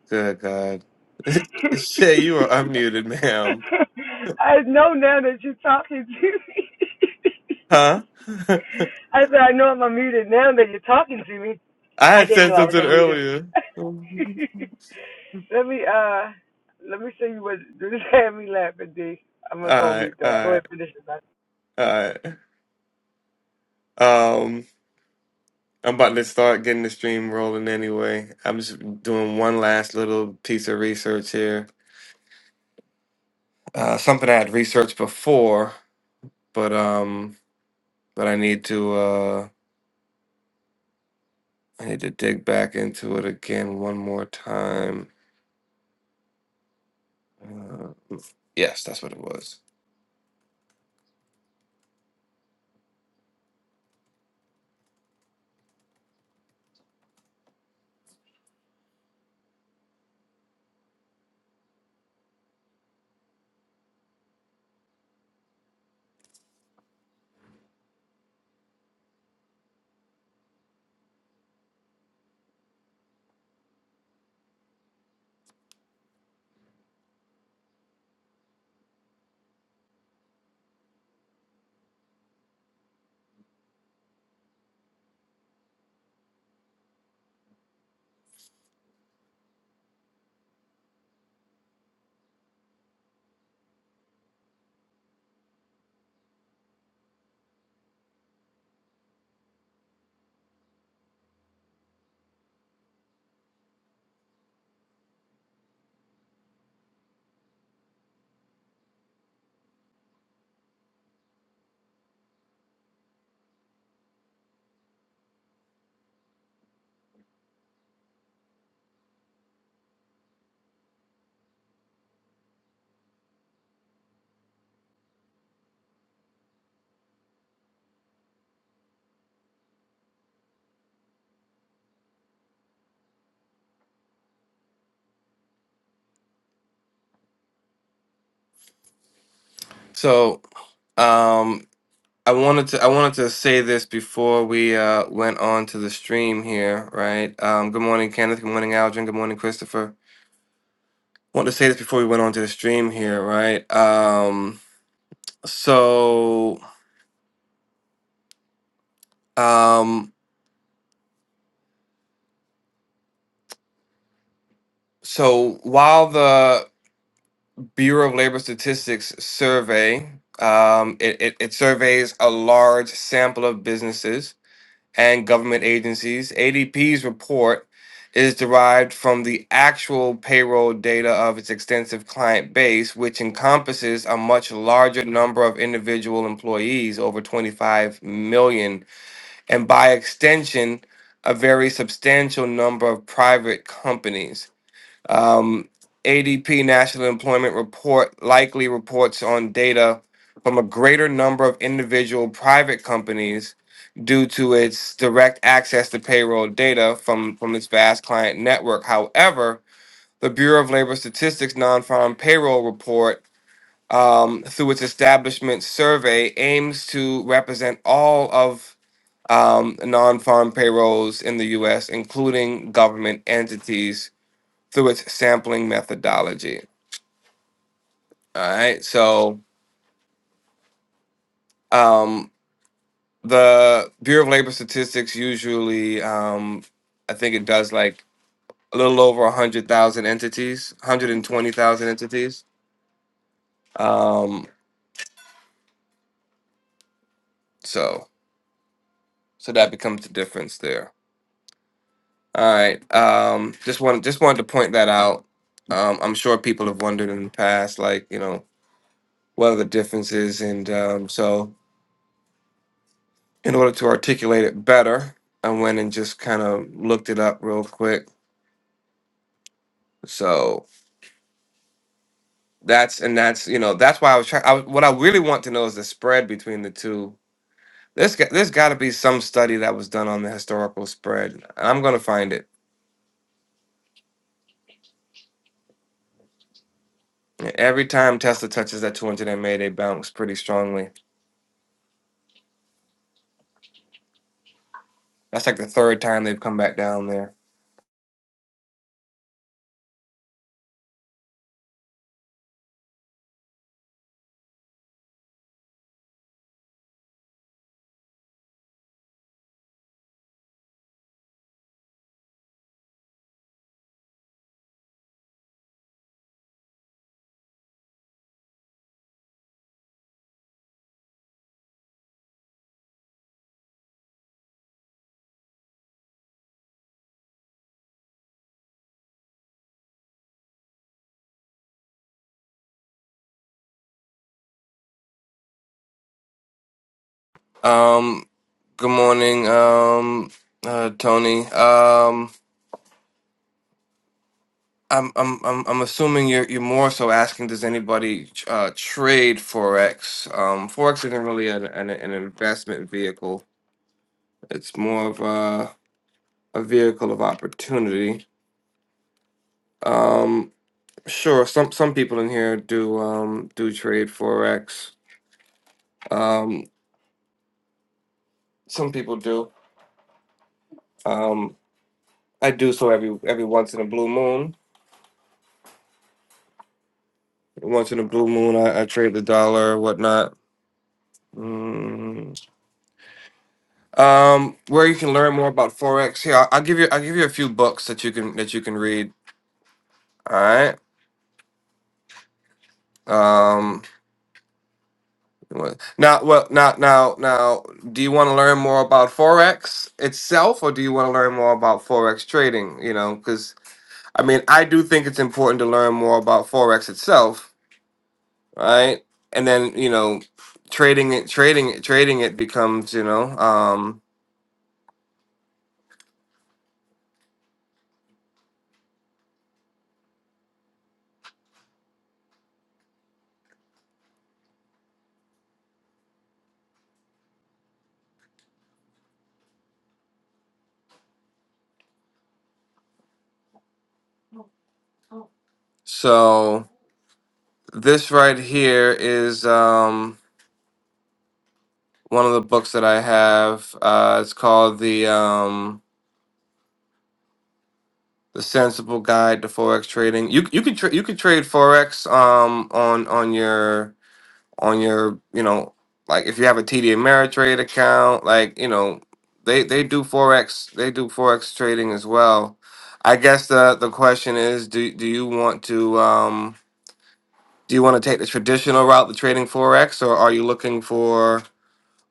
[SPEAKER 2] Good God. Shay, you are unmuted, ma'am.
[SPEAKER 3] I know now that you're talking to me.
[SPEAKER 2] Huh?
[SPEAKER 3] I said, I know I'm unmuted now that you're talking to me.
[SPEAKER 2] I
[SPEAKER 3] I
[SPEAKER 2] had
[SPEAKER 3] didn't know
[SPEAKER 2] said
[SPEAKER 3] I was
[SPEAKER 2] something
[SPEAKER 3] unmuted.
[SPEAKER 2] earlier. Alright,
[SPEAKER 3] let me uh, let me show you what this had me laughing, D. I'm gonna go on mute though. Go ahead
[SPEAKER 2] alright,
[SPEAKER 3] and finish it. bud.
[SPEAKER 2] alright. Um, I'm about to start getting the stream rolling anyway. I'm just doing one last little piece of research here. Uh, something I had researched before, but um, but I need to. uh, I need to dig back into it again one more time. Uh, yes, that's what it was. So, um, I wanted to I wanted to say this before we uh, went on to the stream here, right? Um, good morning, Kenneth. Good morning, Aldrin. Good morning, Christopher. Wanted to say this before we went on to the stream here, right? Um, so, um, so while the Bureau of Labor Statistics survey. Um, it, it, it surveys a large sample of businesses and government agencies. ADP's report is derived from the actual payroll data of its extensive client base, which encompasses a much larger number of individual employees, over 25 million, and by extension, a very substantial number of private companies. Um, ADP National Employment Report likely reports on data from a greater number of individual private companies due to its direct access to payroll data from, from its vast client network. However, the Bureau of Labor Statistics non farm payroll report, um, through its establishment survey, aims to represent all of um, non farm payrolls in the U.S., including government entities through its sampling methodology. All right. So um, the Bureau of Labor Statistics usually, um, I think it does like a little over 100,000 entities, 120,000 entities. Um, so so that becomes the difference there. All right. Um, just wanted just wanted to point that out. Um, I'm sure people have wondered in the past, like you know, what are the differences, and um, so in order to articulate it better, I went and just kind of looked it up real quick. So that's and that's you know that's why I was trying. I, was- what I really want to know is the spread between the two. There's got, there's got to be some study that was done on the historical spread. and I'm gonna find it. Every time Tesla touches that 200 MA, they bounce pretty strongly. That's like the third time they've come back down there. Um, good morning, um, uh, Tony. Um, I'm I'm I'm I'm assuming you're you're more so asking does anybody uh, trade forex? Um, forex isn't really an, an an investment vehicle. It's more of a a vehicle of opportunity. Um, sure, some some people in here do um do trade forex. Um, some people do. Um, I do so every every once in a blue moon. Once in a blue moon, I, I trade the dollar or whatnot. Mm, um, where you can learn more about forex. Here, I'll, I'll give you I'll give you a few books that you can that you can read. All right. Um, what- now, well, now, now, now, do you want to learn more about forex itself, or do you want to learn more about forex trading? You know, because I mean, I do think it's important to learn more about forex itself, right? And then you know, trading it, trading it, trading it becomes you know. Um, so this right here is um one of the books that I have. Uh, it's called the um, the Sensible Guide to Forex Trading. You you could tra- you could trade forex um on on your on your you know like if you have a TD Ameritrade account like you know they they do forex they do forex trading as well. I guess the the question is do do you want to um do you want to take the traditional route to trading forex or are you looking for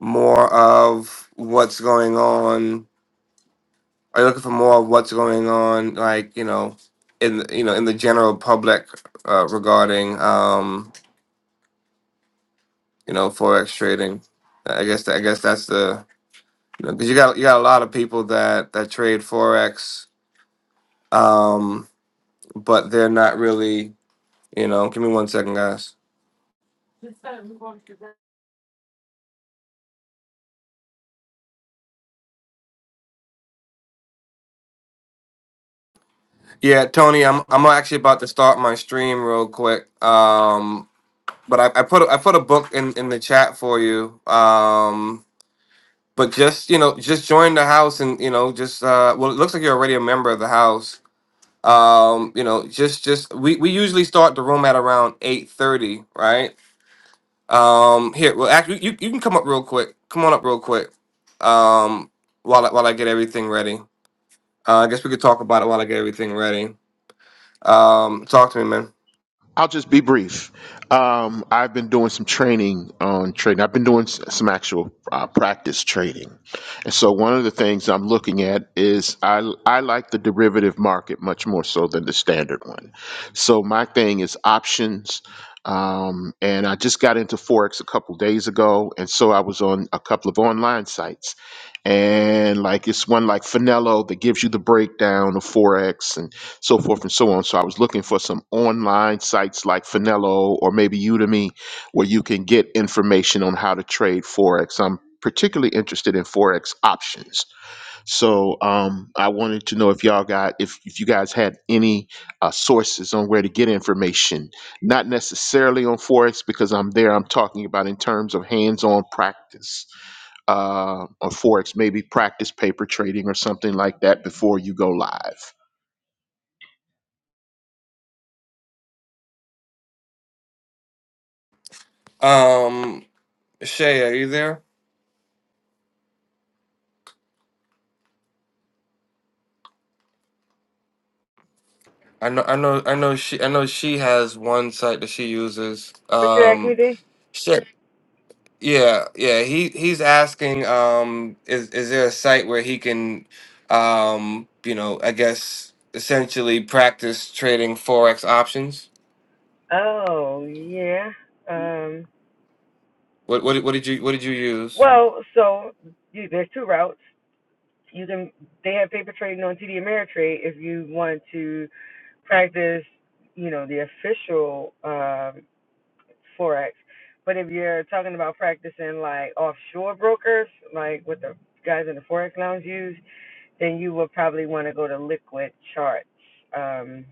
[SPEAKER 2] more of what's going on Are you looking for more of what's going on, like you know, in the- you know in the general public uh, regarding um, you know forex trading? I guess that, I guess that's the you know because you got you got a lot of people that that trade forex, um, but they're not really you know. Give me one second, guys. Yeah, Tony, I'm I'm actually about to start my stream real quick. Um, but I, I put a- I put a book in in the chat for you. Um, But just you know, just join the house, and you know, just uh, well, it looks like you're already a member of the house. Um, you know, just just we, we usually start the room at around eight thirty, right? Um, here, well, actually, you, you can come up real quick. Come on up real quick. Um, while I, while I get everything ready, uh, I guess we could talk about it while I get everything ready. Um, talk to me, man.
[SPEAKER 7] I'll just be brief. Um, I've been doing some training on trading. I've been doing s- some actual uh, practice trading, and so one of the things I'm looking at is I I like the derivative market much more so than the standard one. So my thing is options, um, and I just got into forex a couple days ago, and so I was on a couple of online sites, and like it's one like Finello that gives you the breakdown of forex so forth and so on. So I was looking for some online sites like Finello or maybe Udemy where you can get information on how to trade Forex. I'm particularly interested in Forex options so um, I wanted to know if y'all got if if you guys had any uh, sources on where to get information, not necessarily on forex because I'm there. I'm talking about in terms of hands-on practice uh, on forex, maybe practice paper trading or something like that before you go live.
[SPEAKER 2] Um, Shay, are you there? I know, I know, I know. She, I know she has one site that she uses.
[SPEAKER 3] What you asked me,
[SPEAKER 2] Um,
[SPEAKER 3] D?
[SPEAKER 2] Yeah, yeah. He he's asking, um, is is there a site where he can, um, you know, I guess essentially practice trading forex options?
[SPEAKER 3] Oh yeah. Um.
[SPEAKER 2] What what did- what did you what did you use?
[SPEAKER 3] Well, so you, there's two routes. You can they have paper trading on TD Ameritrade if you want to practice, you know, the official um, forex. But if you're talking about practicing like offshore brokers, like what the guys in the forex lounge use, then you would probably want to go to Liquid Charts. Um,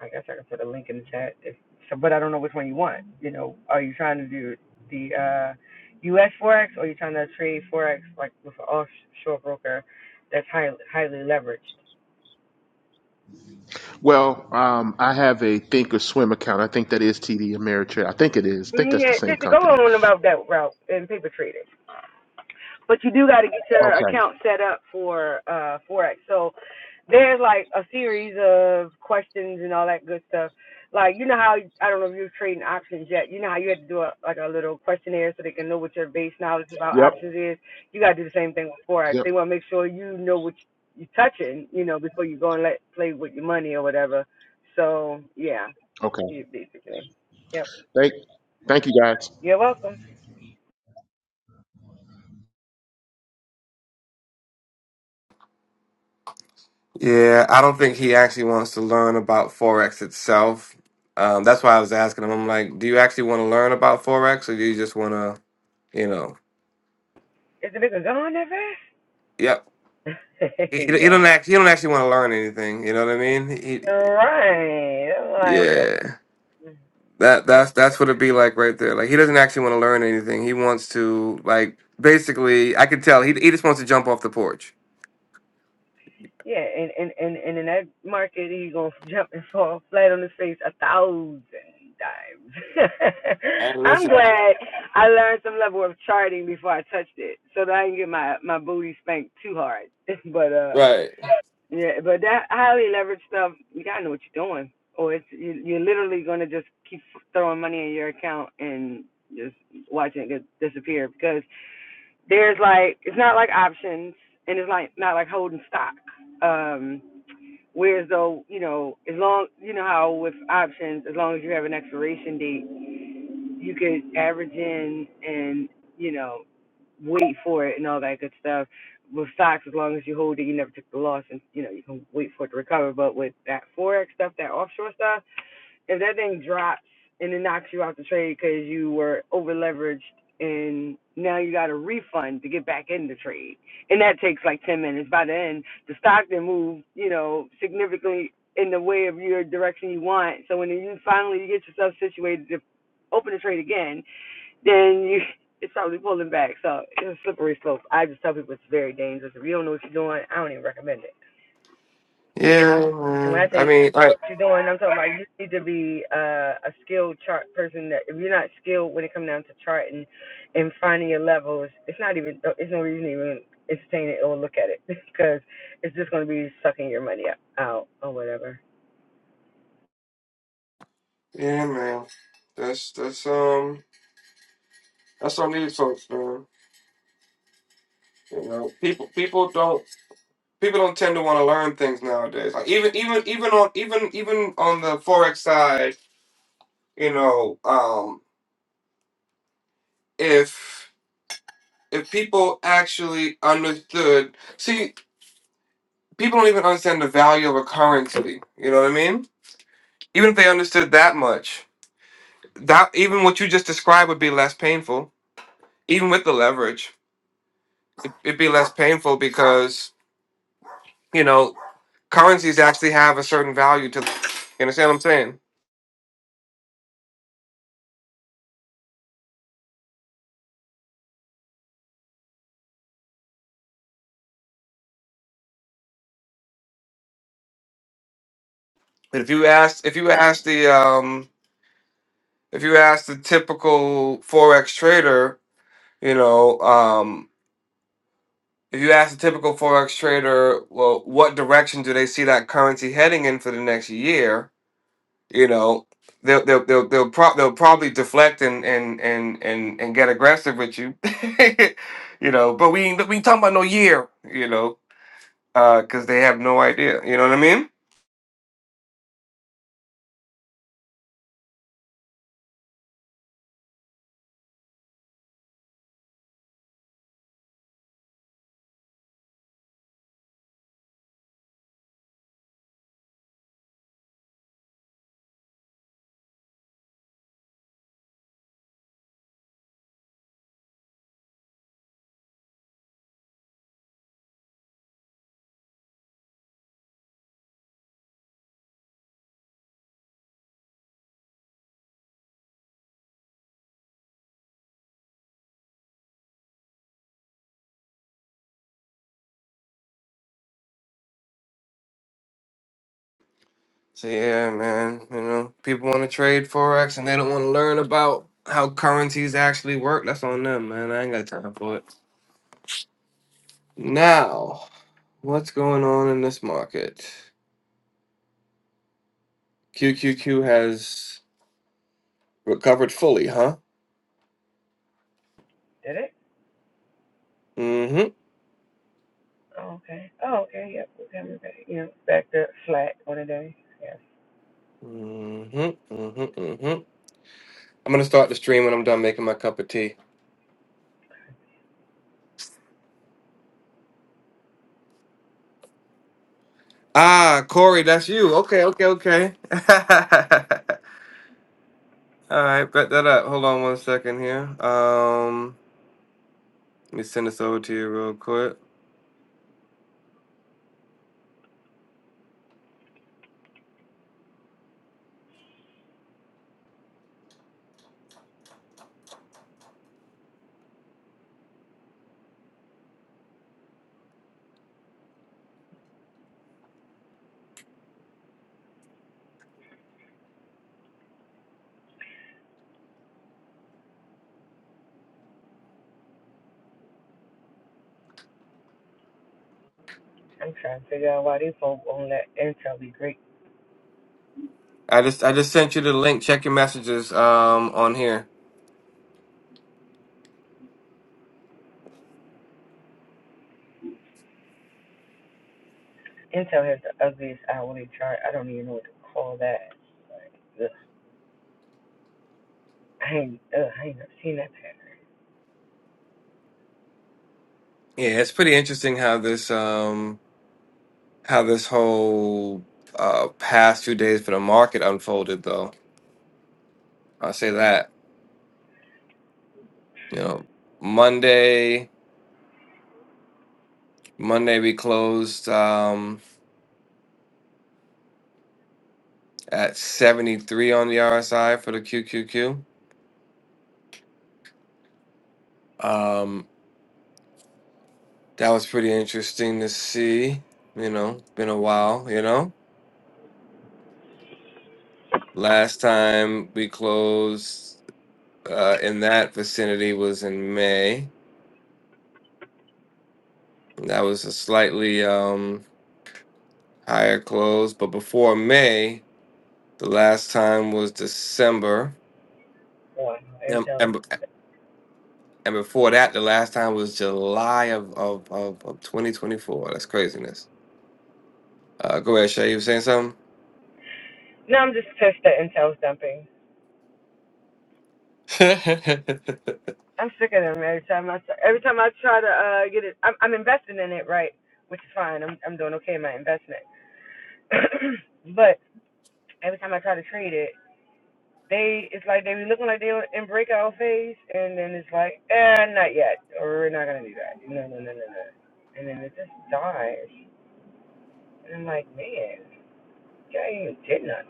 [SPEAKER 3] I guess I can put a link in the chat. If, so, but I don't know which one you want. You know, are you trying to do the uh, U.S. forex, or are you trying to trade forex like with an offshore broker that's highly highly leveraged?
[SPEAKER 7] Well, um, I have a Think or Swim account. I think that is TD Ameritrade. I think it is. I think that's the
[SPEAKER 3] Yeah,
[SPEAKER 7] same
[SPEAKER 3] just go
[SPEAKER 7] company.
[SPEAKER 3] on about that route and paper trading. but you do got to get your
[SPEAKER 7] Okay.
[SPEAKER 3] account set up for uh forex so there's like a series of questions and all that good stuff like you know how i don't know if you're trading options yet you know how you had to do a like a little questionnaire so they can know what your base knowledge about
[SPEAKER 7] Yep.
[SPEAKER 3] options is you got to do the same thing with forex
[SPEAKER 7] Yep.
[SPEAKER 3] they want to make sure you know what you're touching you know before you go and let play with your money or whatever so yeah
[SPEAKER 7] Okay.
[SPEAKER 3] yeah, basically yep
[SPEAKER 7] Thank. Thank you, guys.
[SPEAKER 3] you're welcome
[SPEAKER 2] Yeah, I don't think he actually wants to learn about forex itself. Um, that's why I was asking him. I'm like, do you actually want to learn about forex, or do you just want to, you know?
[SPEAKER 3] is the nigga gone that
[SPEAKER 2] Yep.
[SPEAKER 3] fast
[SPEAKER 2] He, he
[SPEAKER 3] yeah
[SPEAKER 2] don't act, he don't actually want to learn anything. You know what I mean? He,
[SPEAKER 3] Right. I'm like,
[SPEAKER 2] yeah.
[SPEAKER 3] okay.
[SPEAKER 2] That
[SPEAKER 3] That
[SPEAKER 2] that's
[SPEAKER 3] was-
[SPEAKER 2] that's what it'd be like right there. Like he doesn't actually want to learn anything. He wants to like basically. I could tell he he just wants to jump off the porch.
[SPEAKER 3] Yeah, and, and, and, and in that market, he going to jump and fall flat on his face a thousand times.
[SPEAKER 2] Hey,
[SPEAKER 3] I'm
[SPEAKER 2] listen. I-
[SPEAKER 3] glad I learned some level of charting before I touched it so that I can get my, my booty spanked too hard. but, uh,
[SPEAKER 2] Right.
[SPEAKER 3] yeah, but that highly leveraged stuff, you got to know what you're doing. Or it's, you, you're literally going to just keep throwing money in your account and just watching it disappear because there's like it's not like options and it's like not like holding stock. Um whereas though, you know, as long you know how with options, as long as you have an expiration date, you can average in and, you know, wait for it and all that good stuff. With stocks, as long as you hold it, you never took the loss and you know, you can wait for it to recover. But with that forex stuff, that offshore stuff if that thing drops and it knocks you out the trade because you were over leveraged and now you got a refund to get back in the trade and that takes like 10 minutes by the end the stock then moved you know significantly in the way of your direction you want so when you finally get yourself situated to open the trade again then you it's probably pulling back so it's a slippery slope i just tell people it's very dangerous if you don't know what you're doing i don't even recommend it
[SPEAKER 2] Yeah,
[SPEAKER 3] and when I
[SPEAKER 2] man. I
[SPEAKER 3] say
[SPEAKER 2] mean, like
[SPEAKER 3] what you're doing, I'm talking about you need to be uh, a skilled chart person. That if you're not skilled when it comes down to charting and finding your levels, it's not even. It's no reason to even entertain it or look at it because it's just going to be sucking your money up, out or whatever.
[SPEAKER 2] yeah, man. That's that's um that's on these folks, man. You know, people people don't people don't tend to want to learn things nowadays. Like even even even on even even on the forex side, you know, um, if if people actually understood. See. people don't even understand the value of a currency. You know what I mean? Even if they understood that much, that even what you just described would be less painful. Even with the leverage, it, it'd be less painful because you know currencies actually have a certain value to. You understand what I'm saying? But if you ask, if you ask the um, if you ask the typical forex trader, you know, um, if you ask the typical forex trader, well, what direction do they see that currency heading in for the next year? you know they'll they'll they'll they'll, pro- they'll probably deflect and and and and and get aggressive with you you know but we ain't we ain't talking about no year you know uh because they have no idea you know what i mean so yeah man you know people want to trade forex and they don't want to learn about how currencies actually work that's on them man i ain't got time for it now what's going on in this market qqq has recovered fully huh
[SPEAKER 3] Did it?
[SPEAKER 2] mm-hmm
[SPEAKER 3] Oh, okay. Oh, okay. Yep. Okay. I'm back. You know, back to flat on a day. Yes.
[SPEAKER 2] Mm-hmm. Mm-hmm. mm-hmm. I'm gonna start the stream when I'm done making my cup of tea. Ah, Corey, that's you. Okay, okay, okay. All right, bet that up. Hold on one second here. Um, let me send this over to you real quick.
[SPEAKER 3] I'm trying to figure out why these folks won't let Intel be great.
[SPEAKER 2] I just I just sent you the link. Check your messages. Um, on here.
[SPEAKER 3] Intel has the ugliest hourly chart. I don't even know what to call that. Like, I ain't, ugh, I ain't never seen that pattern.
[SPEAKER 2] Yeah, it's pretty interesting how this um how this whole uh past few days for the market unfolded though. I'll say that. You know, Monday Monday we closed. Um, at 73 on the RSI for the QQQ. Um, that was pretty interesting to see. You know, been a while, you know. Last time we closed uh, in that vicinity was in May. That was a slightly um, higher close. But before May, the last time was December.
[SPEAKER 3] Boy,
[SPEAKER 2] And,
[SPEAKER 3] intel.
[SPEAKER 2] and, and before that, the last time was July of, of, of, of 2024. That's craziness. Uh, go ahead, Shay. You were saying something?
[SPEAKER 3] No, I'm just pissed at Intel dumping.
[SPEAKER 2] yeah,
[SPEAKER 3] I'm sick of them every time I try, every time I try to uh get it. I'm I'm investing in it right, which is fine. I'm I'm doing okay in my investment. but every time I try to trade it, they it's like they be looking like they in breakout phase, and then it's like, eh, not yet, or we're not gonna do that. No, no, no, no, no. And then it just dies. And I'm like, man, I ain't even did nothing.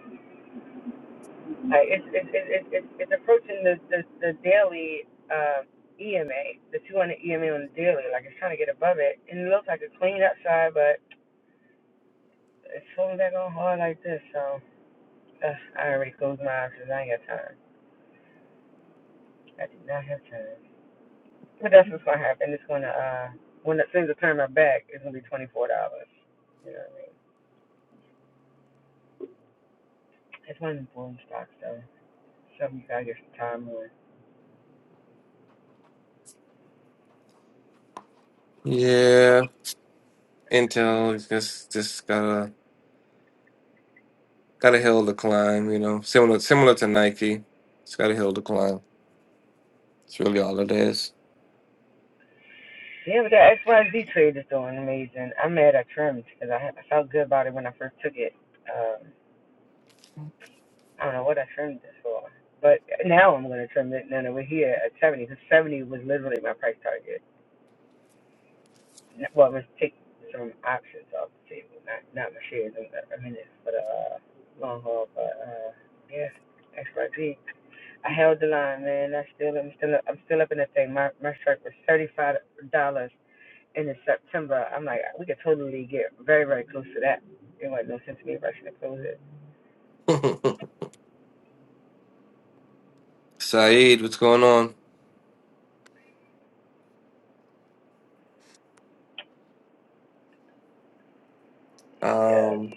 [SPEAKER 3] Uh, it's, it's, it's, it's, it's approaching the, the, the daily uh, EMA, the 200 EMA on the daily. Like it's trying to get above it. And it looks like it's clean outside, but it's falling back on hard like this. So uh, I already closed my eyes because I ain't got time. I did not have time. But that's what's going to happen. It's going to, uh, when the things are turning my back, it's going to be $24. You know what I mean? It's one of the boom stocks, though. Something you got to get some time on.
[SPEAKER 2] Intel just just got a got a hill to climb, you know. Similar similar to Nike, it's got a hill to climb. It's really all it is.
[SPEAKER 3] Yeah, but that XYZ trade is doing amazing. I'm mad I trimmed because I, I felt good about it when I first took it. Um, I don't know what I trimmed this for, but now I'm going to trim it. No, no, we're here at 70 because 70 was literally my price target. N- Well, let's take some options off the table, not not my shares in a minute, but uh, long haul. But uh, yeah, XYZ. I held the line, man. I still, I'm still, I'm still up in that thing. My my strike was 35 dollars and in September, I'm like, we could totally get very, very close to that. It wasn't no sense to me rushing to close it.
[SPEAKER 2] Saeed, what's going on?
[SPEAKER 3] Yeah.
[SPEAKER 2] Um,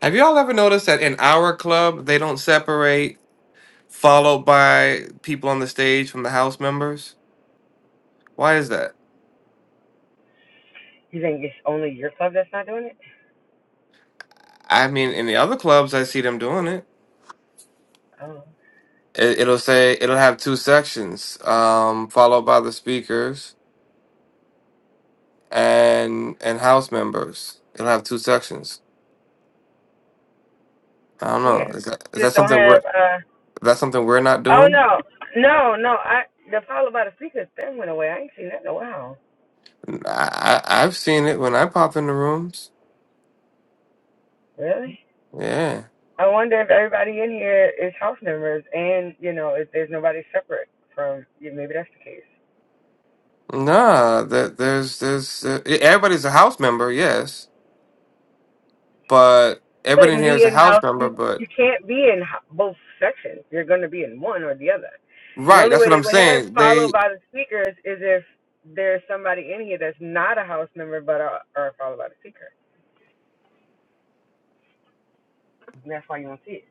[SPEAKER 2] have you all ever noticed that in our club they don't separate followed by people on the stage from the house members? Why is that?
[SPEAKER 3] You think it's only your club that's not doing it?
[SPEAKER 2] I mean, in the other clubs, I see them doing it.
[SPEAKER 3] Oh,
[SPEAKER 2] it it'll say it'll have two sections, um, followed by the speakers, and and House members. It'll have two sections. I don't
[SPEAKER 3] yeah.
[SPEAKER 2] know. Is that is
[SPEAKER 3] You
[SPEAKER 2] that
[SPEAKER 3] just don't
[SPEAKER 2] something we're
[SPEAKER 3] have,
[SPEAKER 2] is
[SPEAKER 3] uh,
[SPEAKER 2] that something we're not
[SPEAKER 3] oh
[SPEAKER 2] doing?
[SPEAKER 3] no, no, no, I, the follow by the speakers thing went away. I ain't seen that in a while.
[SPEAKER 2] I, I I've seen it when I pop in the rooms.
[SPEAKER 3] Really?
[SPEAKER 2] Yeah.
[SPEAKER 3] I wonder if everybody in here is house members and, you know, if there's nobody separate from, yeah, maybe that's the case.
[SPEAKER 2] Nah. That there's there's uh, e, everybody's a House member. Yes, but
[SPEAKER 3] You
[SPEAKER 2] everybody in
[SPEAKER 3] wouldn't
[SPEAKER 2] here is
[SPEAKER 3] be
[SPEAKER 2] a
[SPEAKER 3] in
[SPEAKER 2] House
[SPEAKER 3] house.
[SPEAKER 2] member.
[SPEAKER 3] You
[SPEAKER 2] But
[SPEAKER 3] you can't be in ho- both sections. You're going to be in one or the other. The
[SPEAKER 2] right.
[SPEAKER 3] only
[SPEAKER 2] That's
[SPEAKER 3] way
[SPEAKER 2] what
[SPEAKER 3] they
[SPEAKER 2] I'm
[SPEAKER 3] would have
[SPEAKER 2] saying. They
[SPEAKER 3] followed by the speakers is if there's somebody in here that's not a house member but are, are followed by the speaker. And that's why you don't see it.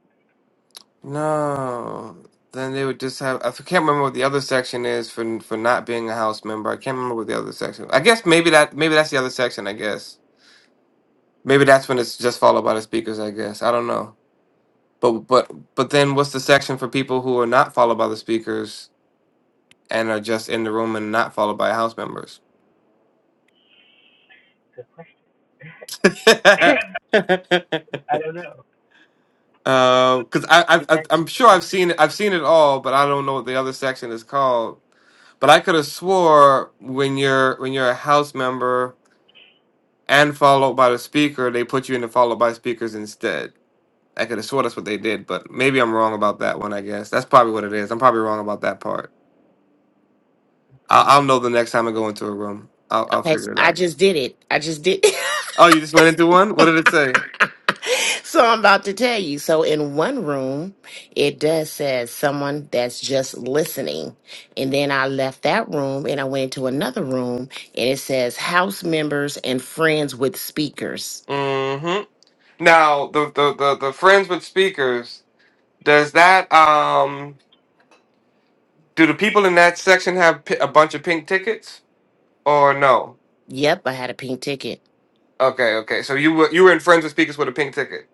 [SPEAKER 2] no. Then they would just have. I can't remember what the other section is for for not being a house member. I can't remember what the other section. I guess maybe that maybe that's the other section. I guess Maybe that's when it's just followed by the speakers, I guess. I don't know. But but but then what's the section for people who are not followed by the speakers and are just in the room and not followed by house members?
[SPEAKER 3] I don't know.
[SPEAKER 2] Because I,
[SPEAKER 3] You
[SPEAKER 2] I, I
[SPEAKER 3] think?
[SPEAKER 2] I'm sure
[SPEAKER 3] No.
[SPEAKER 2] I've seen it, I've seen it all, but I don't know what the other section is called. But I could have swore when you're when you're a house member and followed by the speaker, they put you in the followed by speakers instead. I could have swore that's what they did, but maybe I'm wrong about that one. I guess that's probably what it is. I'm probably wrong about that part. I'll, I'll know the next time I go into a room. I'll, I'll
[SPEAKER 1] Okay, so
[SPEAKER 2] figure it
[SPEAKER 1] I
[SPEAKER 2] out.
[SPEAKER 1] just did it. I just did.
[SPEAKER 2] Oh, you just went into one. What did it say?
[SPEAKER 1] so I'm about to tell you. So in one room, it does says someone that's just listening. And then I left that room and I went into another room and it says house members and friends with speakers.
[SPEAKER 2] hmm Now the, the the the friends with speakers. Does that um do the people in that section have pi- a bunch of pink tickets or no?
[SPEAKER 1] Yep, I had a pink ticket.
[SPEAKER 2] Okay, okay. So you were you were in friends with speakers with a pink ticket.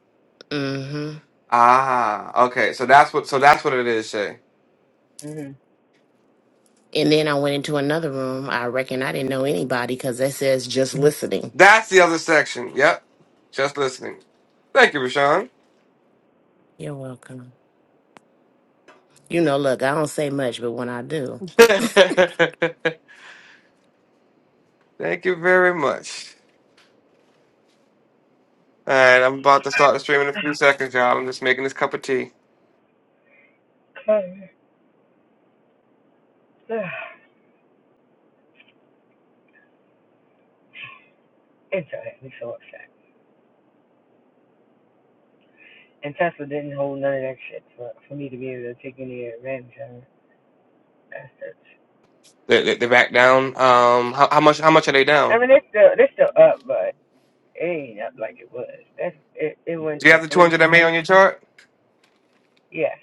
[SPEAKER 1] Mm-hmm.
[SPEAKER 2] Ah, okay. So that's what so that's what it is, Shay.
[SPEAKER 3] Mm-hmm.
[SPEAKER 1] And then I went into another room. I reckon I didn't know anybody because that says just listening.
[SPEAKER 2] That's the other section. Yep. Just listening. Thank you, Rashawn.
[SPEAKER 1] You're welcome. You know, look, I don't say much, but when I do.
[SPEAKER 2] Thank you very much. All right, I'm about to start the stream in a few seconds, y'all. I'm just making this cup of tea.
[SPEAKER 3] Okay. and so that so upset. And Tesla didn't hold none of that shit for, for me to be able to take any advantage of it. Bastards.
[SPEAKER 2] They, they, they're back down. Um, how, how much? How much are they
[SPEAKER 3] I
[SPEAKER 2] down?
[SPEAKER 3] mean, they're still, they're still up, but It ain't up like it was. That's it. It went
[SPEAKER 2] Do you
[SPEAKER 3] to
[SPEAKER 2] have the
[SPEAKER 3] three
[SPEAKER 2] 200 MA on
[SPEAKER 3] twenty.
[SPEAKER 2] your chart?
[SPEAKER 3] Yes,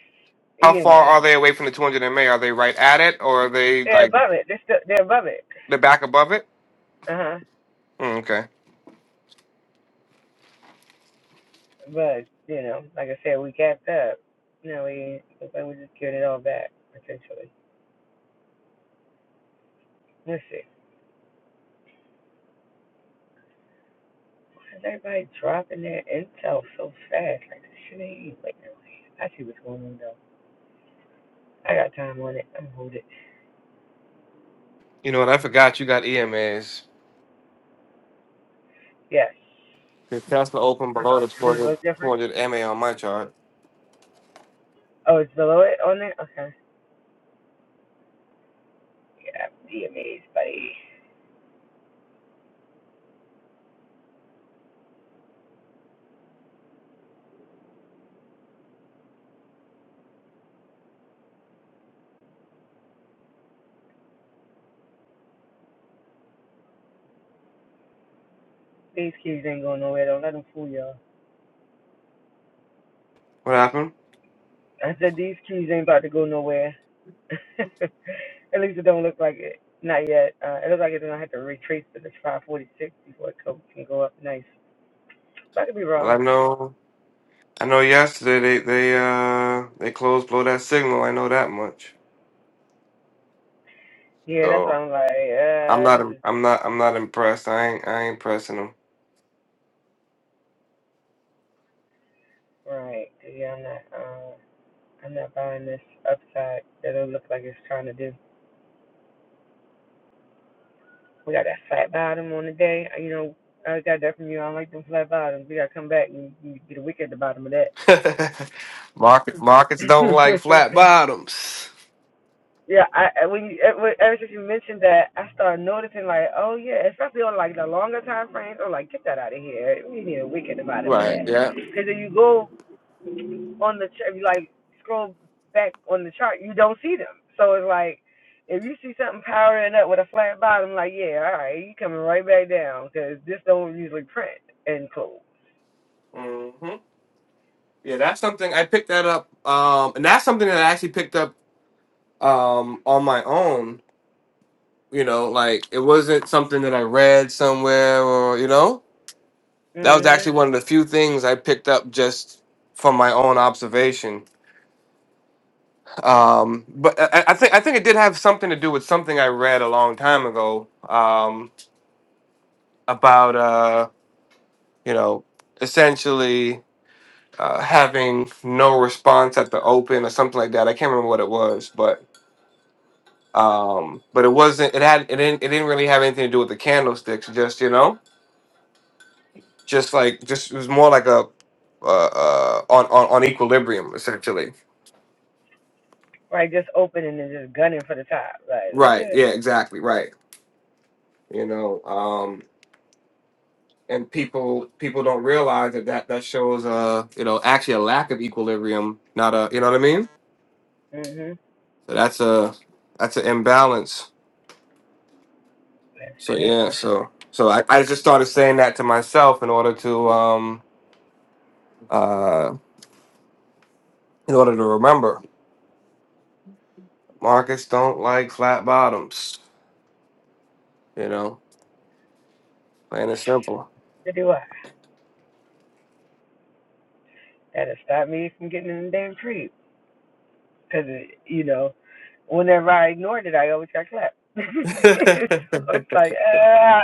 [SPEAKER 2] How far
[SPEAKER 3] EMA.
[SPEAKER 2] are they away from the 200 MA? Are they right at it, or are they
[SPEAKER 3] They're
[SPEAKER 2] like
[SPEAKER 3] above it. They're still they're above it.
[SPEAKER 2] they're back above it?
[SPEAKER 3] Uh huh.
[SPEAKER 2] Mm, okay.
[SPEAKER 3] But you know, like I said, we capped up. No, we looks like we just cured it all back potentially. Let's see. Why is everybody dropping their intel so fast? Like this shit ain't even waiting. on me. I see what's going on though. I got time on it. I'm gonna hold it.
[SPEAKER 2] You know what? I forgot you got EMAs.
[SPEAKER 3] Yes.
[SPEAKER 2] The Tesla opened below the
[SPEAKER 3] Does it
[SPEAKER 2] 200,
[SPEAKER 3] look different?
[SPEAKER 2] 200 MA on my chart.
[SPEAKER 3] Oh, it's below it on there. Okay. Yeah, be amazed, buddy. These kids ain't going nowhere. Don't let them fool y'all.
[SPEAKER 2] What happened?
[SPEAKER 3] I said these keys ain't about to go nowhere. At least it don't look like it. Not yet. Uh, it looks like it's gonna have to retrace to the 546 before it co- can go up nice. But I could be
[SPEAKER 2] Well, I
[SPEAKER 3] wrong.
[SPEAKER 2] know. I know yesterday they they uh they closed blow that signal. I know that much.
[SPEAKER 3] Yeah, that's why
[SPEAKER 2] So
[SPEAKER 3] I'm like,
[SPEAKER 2] I'm
[SPEAKER 3] uh,
[SPEAKER 2] not
[SPEAKER 3] this
[SPEAKER 2] I'm
[SPEAKER 3] is
[SPEAKER 2] I'm not I'm not impressed. I ain't I ain't pressing
[SPEAKER 3] right. Yeah, I'm not. Uh, I'm not buying this upside that it look like it's trying to do. We got that flat bottom on the day. Uh, You know, I got that from you. I don't like them flat bottoms. We gotta come back and, and get a wick at the bottom of that.
[SPEAKER 2] them. Market markets don't like flat bottoms.
[SPEAKER 3] Yeah, I I- when you ever ever since you mentioned that, I started noticing like, oh yeah, especially on like the longer time frames. I'm like, get that out of here. We need a weekend about it for
[SPEAKER 2] Right.
[SPEAKER 3] that.
[SPEAKER 2] Yeah.
[SPEAKER 3] Because if you go on the chart, you like scroll back on the chart, you don't see them. So it's like, if you see something powering up with a flat bottom, like yeah, all right, you coming right back down because this don't usually print and close.
[SPEAKER 2] hmm Yeah. That's something I picked that up. Um, and that's something that I actually picked up um on my own. You know, like it wasn't something that I read somewhere or you know that was actually
[SPEAKER 3] Mhm.
[SPEAKER 2] one of the few things I picked up just from my own observation Um, but I, I think I think it did have something to do with something I read a long time ago um, about uh, you know essentially uh, having no response at the open or something like that. I can't remember what it was, but um, but it wasn't. It had it didn't it didn't really have anything to do with the candlesticks. Just you know, just like just it was more like a uh, uh, on on on equilibrium essentially.
[SPEAKER 3] Right, just opening and just gunning for the top. Like
[SPEAKER 2] Right.
[SPEAKER 3] what?
[SPEAKER 2] Yeah. Exactly. Right. You know. um, and people people don't realize that that that shows uh you know actually a lack of equilibrium not a you know what i mean
[SPEAKER 3] Mhm.
[SPEAKER 2] so that's a that's an imbalance
[SPEAKER 3] That's
[SPEAKER 2] so yeah
[SPEAKER 3] what.
[SPEAKER 2] so so i, I just started saying that to myself in order to um uh in order to remember markets don't like flat bottoms you know plain and simple
[SPEAKER 3] What do I? That'll stop me from getting in the damn tree. Because, you know, whenever I ignored it, I always got clapped. so it's like, ah,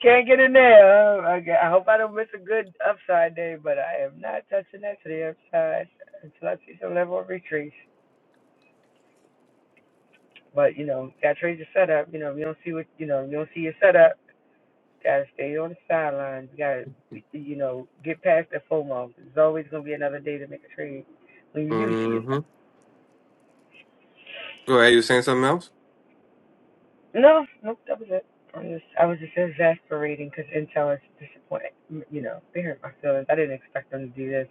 [SPEAKER 3] can't get in there. Uh, okay, I hope I don't miss a good upside day, but I am not touching that to the upside until I see some level of retreat. But, you know, got to trade your setup. You know, if you don't see what, you know, if you don't see your setup, got to stay on the sidelines. You got to, you know, get past the FOMO. There's always going to be another day to make a trade when you do see it.
[SPEAKER 2] mm-hmm go ahead you were saying something else
[SPEAKER 3] No, nope, that was it. I'm just, I was just exasperating because Intel is disappointed. You know, they hurt my feelings. I didn't expect them to do this.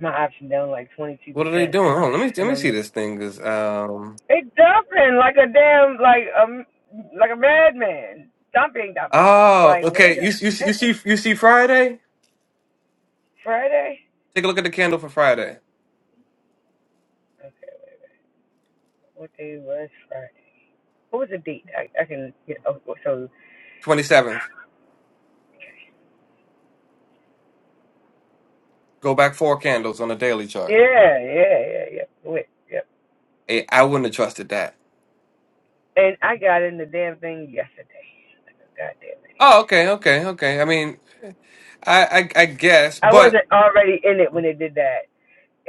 [SPEAKER 3] My option down like 22%,
[SPEAKER 2] what are they doing Hold on, let me let
[SPEAKER 3] and
[SPEAKER 2] me see
[SPEAKER 3] I'm
[SPEAKER 2] this thing because um
[SPEAKER 3] they dumping like a damn like um like a madman, dumping, dumping.
[SPEAKER 2] oh
[SPEAKER 3] Like,
[SPEAKER 2] okay
[SPEAKER 3] wait a
[SPEAKER 2] you you you see
[SPEAKER 3] minute,
[SPEAKER 2] you see friday
[SPEAKER 3] Friday?
[SPEAKER 2] Take a look at the candle for Friday,
[SPEAKER 3] Okay, what day was Friday? What was the date? I, I can get. Oh, so
[SPEAKER 2] 27th. Go back four candles on the daily chart.
[SPEAKER 3] yeah, yeah, yeah, yeah. Wait, yep.
[SPEAKER 2] Hey, I wouldn't have trusted that.
[SPEAKER 3] Yeah. And I got in the damn thing yesterday. Like a goddamn idiot.
[SPEAKER 2] Oh, okay, okay, okay. I mean, I, I, I guess,
[SPEAKER 3] I
[SPEAKER 2] but
[SPEAKER 3] wasn't already in it when they did that.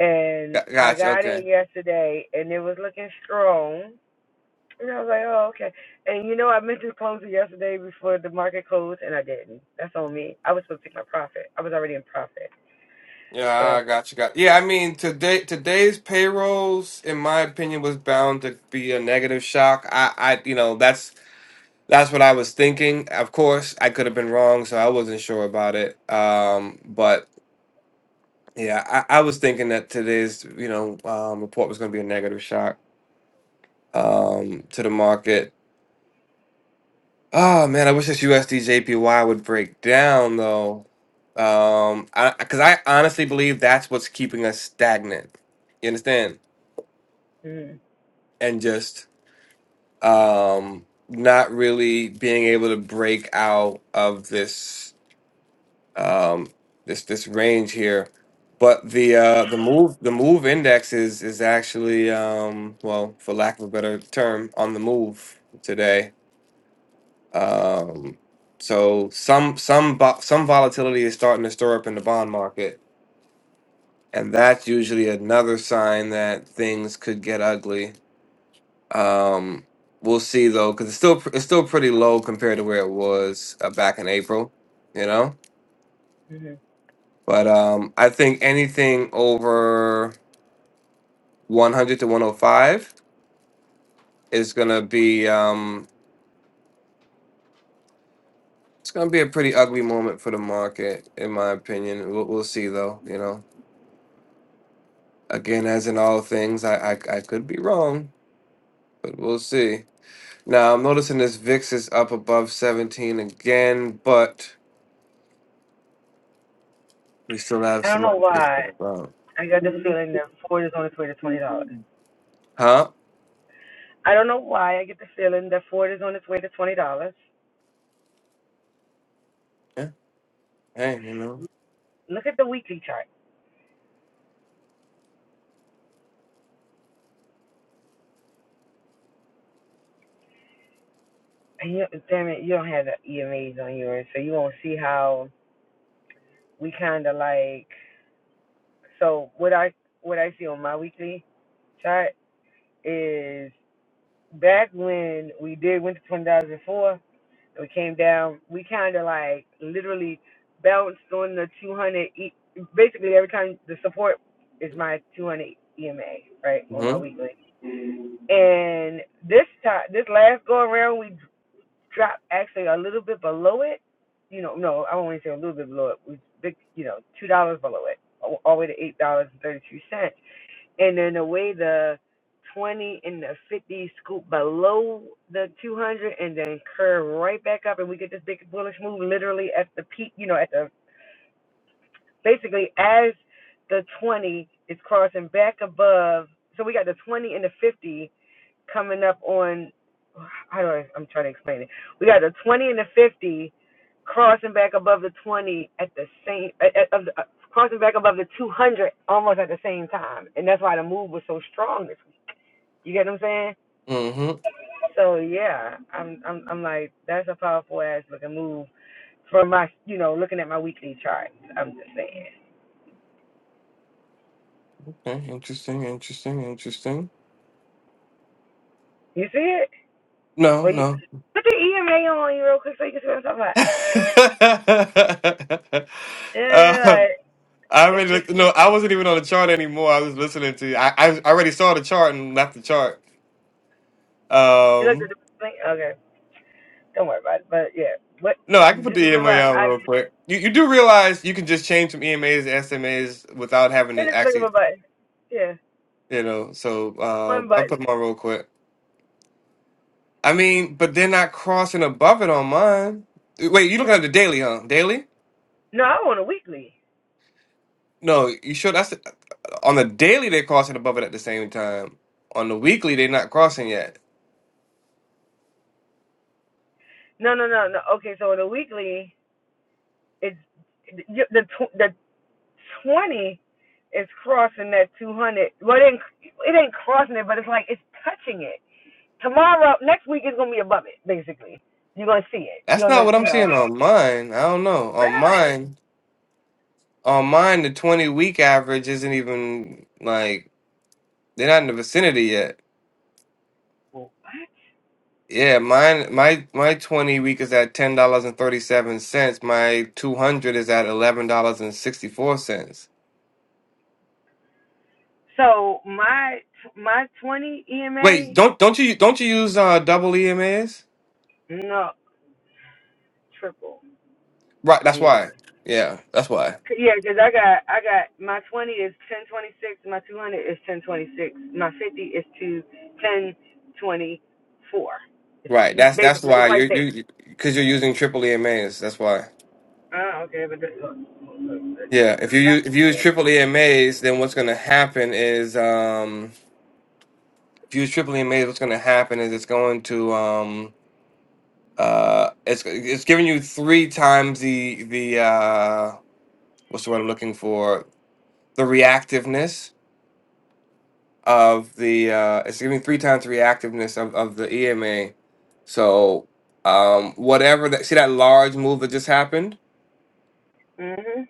[SPEAKER 3] And
[SPEAKER 2] got-
[SPEAKER 3] I
[SPEAKER 2] gotcha.
[SPEAKER 3] got
[SPEAKER 2] Okay,
[SPEAKER 3] it yesterday and it was looking strong. And I was like, oh, okay. And you know, I meant to close it yesterday before the market closed and I didn't. That's on me. I was supposed to take my profit. I was already in profit. But
[SPEAKER 2] yeah,
[SPEAKER 3] I,
[SPEAKER 2] I gotcha. Got yeah. I mean, today today's payrolls, in my opinion, was bound to be a negative shock. I, I, you know, that's that's what I was thinking. Of course, I could have been wrong, so I wasn't sure about it. Um, but yeah, I, I was thinking that today's, you know, um, report was going to be a negative shock. um, to the market. Oh man, I wish this USD JPY would break down though, um, I because I honestly believe that's what's keeping us stagnant. You understand?
[SPEAKER 3] mm,
[SPEAKER 2] And just um, not really being able to break out of this um, this this range here. But the uh, the move the move index is is actually um, well, for lack of a better term, on the move today Um, so some some vo- some volatility is starting to stir up in the bond market, and that's usually another sign that things could get ugly. Um, we'll see though, because it's still pr- it's still pretty low compared to where it was uh, back in April, you know.
[SPEAKER 3] mm
[SPEAKER 2] But um, I think anything over 100 to 105 is gonna be um, it's gonna be a pretty ugly moment for the market, in my opinion. We'll, we'll see though, you know. Again, as in all things, I, I I could be wrong, but we'll see. Now I'm noticing this VIX is up above 17 again, but we still have
[SPEAKER 3] I don't
[SPEAKER 2] some
[SPEAKER 3] know
[SPEAKER 2] other things
[SPEAKER 3] why
[SPEAKER 2] to go.
[SPEAKER 3] I got the feeling that Ford is on its way to $20.
[SPEAKER 2] Huh?
[SPEAKER 3] I don't know why I get the feeling that Ford is on its way to $20.
[SPEAKER 2] Yeah. Hey, you know.
[SPEAKER 3] Look at the weekly chart. And you, damn it, you don't have the EMAs on yours, so you won't see how we kind of like so what I what I see on my weekly chart is back when we did winter 2004 and we came down, we kind of like literally bounced on the 200. E- basically, every time the support is my 200 EMA, right, on my
[SPEAKER 2] Mm-hmm.
[SPEAKER 3] weekly. And this time, this last go around, we drop actually a little bit below it. You know, no, I won't say a little bit below it. It Was big, you know, two dollars below it, all all the way to eight dollars and thirty two cents. And then the way the twenty and the fifty scoop below the two hundred, and then curve right back up, and we get this big bullish move literally at the peak. You know, at the basically as the twenty is crossing back above. So we got the twenty and the fifty coming up on how do I I'm trying to explain it. We got the 20 and the 50 crossing back above the 20 at the same at, at, of the, uh, crossing back above the 200 almost at the same time, and that's why the move was so strong this week. You get what I'm saying?
[SPEAKER 2] Mm-hmm.
[SPEAKER 3] So yeah, I'm I'm I'm like that's a powerful ass looking move from my you know looking at my weekly charts. I'm just saying.
[SPEAKER 2] Okay. Interesting. Interesting. Interesting.
[SPEAKER 3] You see it?
[SPEAKER 2] No.
[SPEAKER 3] Well, you
[SPEAKER 2] No.
[SPEAKER 3] put the EMA on you real quick so you can see what I'm talking about.
[SPEAKER 2] uh,
[SPEAKER 3] Yeah, yeah, yeah, like
[SPEAKER 2] I
[SPEAKER 3] it's
[SPEAKER 2] already
[SPEAKER 3] just
[SPEAKER 2] looked. No, I wasn't even on the chart anymore. I was listening to. you. I I, I already saw the chart and left the chart.
[SPEAKER 3] you look
[SPEAKER 2] Um.
[SPEAKER 3] at the thing. Don't worry about it. But yeah, what?
[SPEAKER 2] No, I can put
[SPEAKER 3] Just
[SPEAKER 2] the
[SPEAKER 3] remember,
[SPEAKER 2] EMA out
[SPEAKER 3] I
[SPEAKER 2] real quick. You you do realize you can just change from EMAs to SMAs without having
[SPEAKER 3] hit
[SPEAKER 2] to
[SPEAKER 3] just click of
[SPEAKER 2] actually,
[SPEAKER 3] a button. Yeah,
[SPEAKER 2] you know. So uh,
[SPEAKER 3] one
[SPEAKER 2] I
[SPEAKER 3] button.
[SPEAKER 2] put mine real quick. I mean, but they're not crossing above it on mine. Wait, you looking at the daily, huh? Daily?
[SPEAKER 3] No, I want a weekly.
[SPEAKER 2] No, you sure that's on the daily they're crossing above it at the same time. On the weekly they're not crossing yet.
[SPEAKER 3] No, no, no, no. Okay, so the weekly is the tw- the twenty is crossing that two hundred. Well, it ain't it ain't crossing it, but it's like it's touching it. Tomorrow, next week is gonna be above it. Basically, you're gonna see it.
[SPEAKER 2] That's
[SPEAKER 3] You're
[SPEAKER 2] not
[SPEAKER 3] gonna,
[SPEAKER 2] what
[SPEAKER 3] you
[SPEAKER 2] I'm
[SPEAKER 3] know.
[SPEAKER 2] seeing on mine. I don't know. On
[SPEAKER 3] Really?
[SPEAKER 2] mine, on mine the 20 week average isn't even like they're not in the vicinity yet.
[SPEAKER 3] What?
[SPEAKER 2] Yeah, mine my my 20 week is at $10.37. My 200 is at $11.64.
[SPEAKER 3] So my my twenty
[SPEAKER 2] Wait,
[SPEAKER 3] EMA,
[SPEAKER 2] don't don't you don't you use uh double EMAs?
[SPEAKER 3] no triple.
[SPEAKER 2] Right, that's
[SPEAKER 3] Yeah.
[SPEAKER 2] why. Yeah, that's why.
[SPEAKER 3] Yeah, cause I got I got my twenty is ten twenty six, my two hundred is ten twenty six, my fifty is to ten twenty four. It's
[SPEAKER 2] Right, that's that's
[SPEAKER 3] basically
[SPEAKER 2] why
[SPEAKER 3] it's right
[SPEAKER 2] you're
[SPEAKER 3] there.
[SPEAKER 2] you because you're using triple EMAs. That's why.
[SPEAKER 3] Oh, okay, but the-
[SPEAKER 2] Yeah, if you use if you use triple EMAs, then what's going to happen is um if you use triple EMAs, what's going to happen is it's going to um uh it's it's giving you three times the the uh what's the word I'm looking for? The reactiveness of the uh, it's giving three times the reactiveness of, of the EMA. So um, whatever that see that large move that just happened.
[SPEAKER 3] mhm.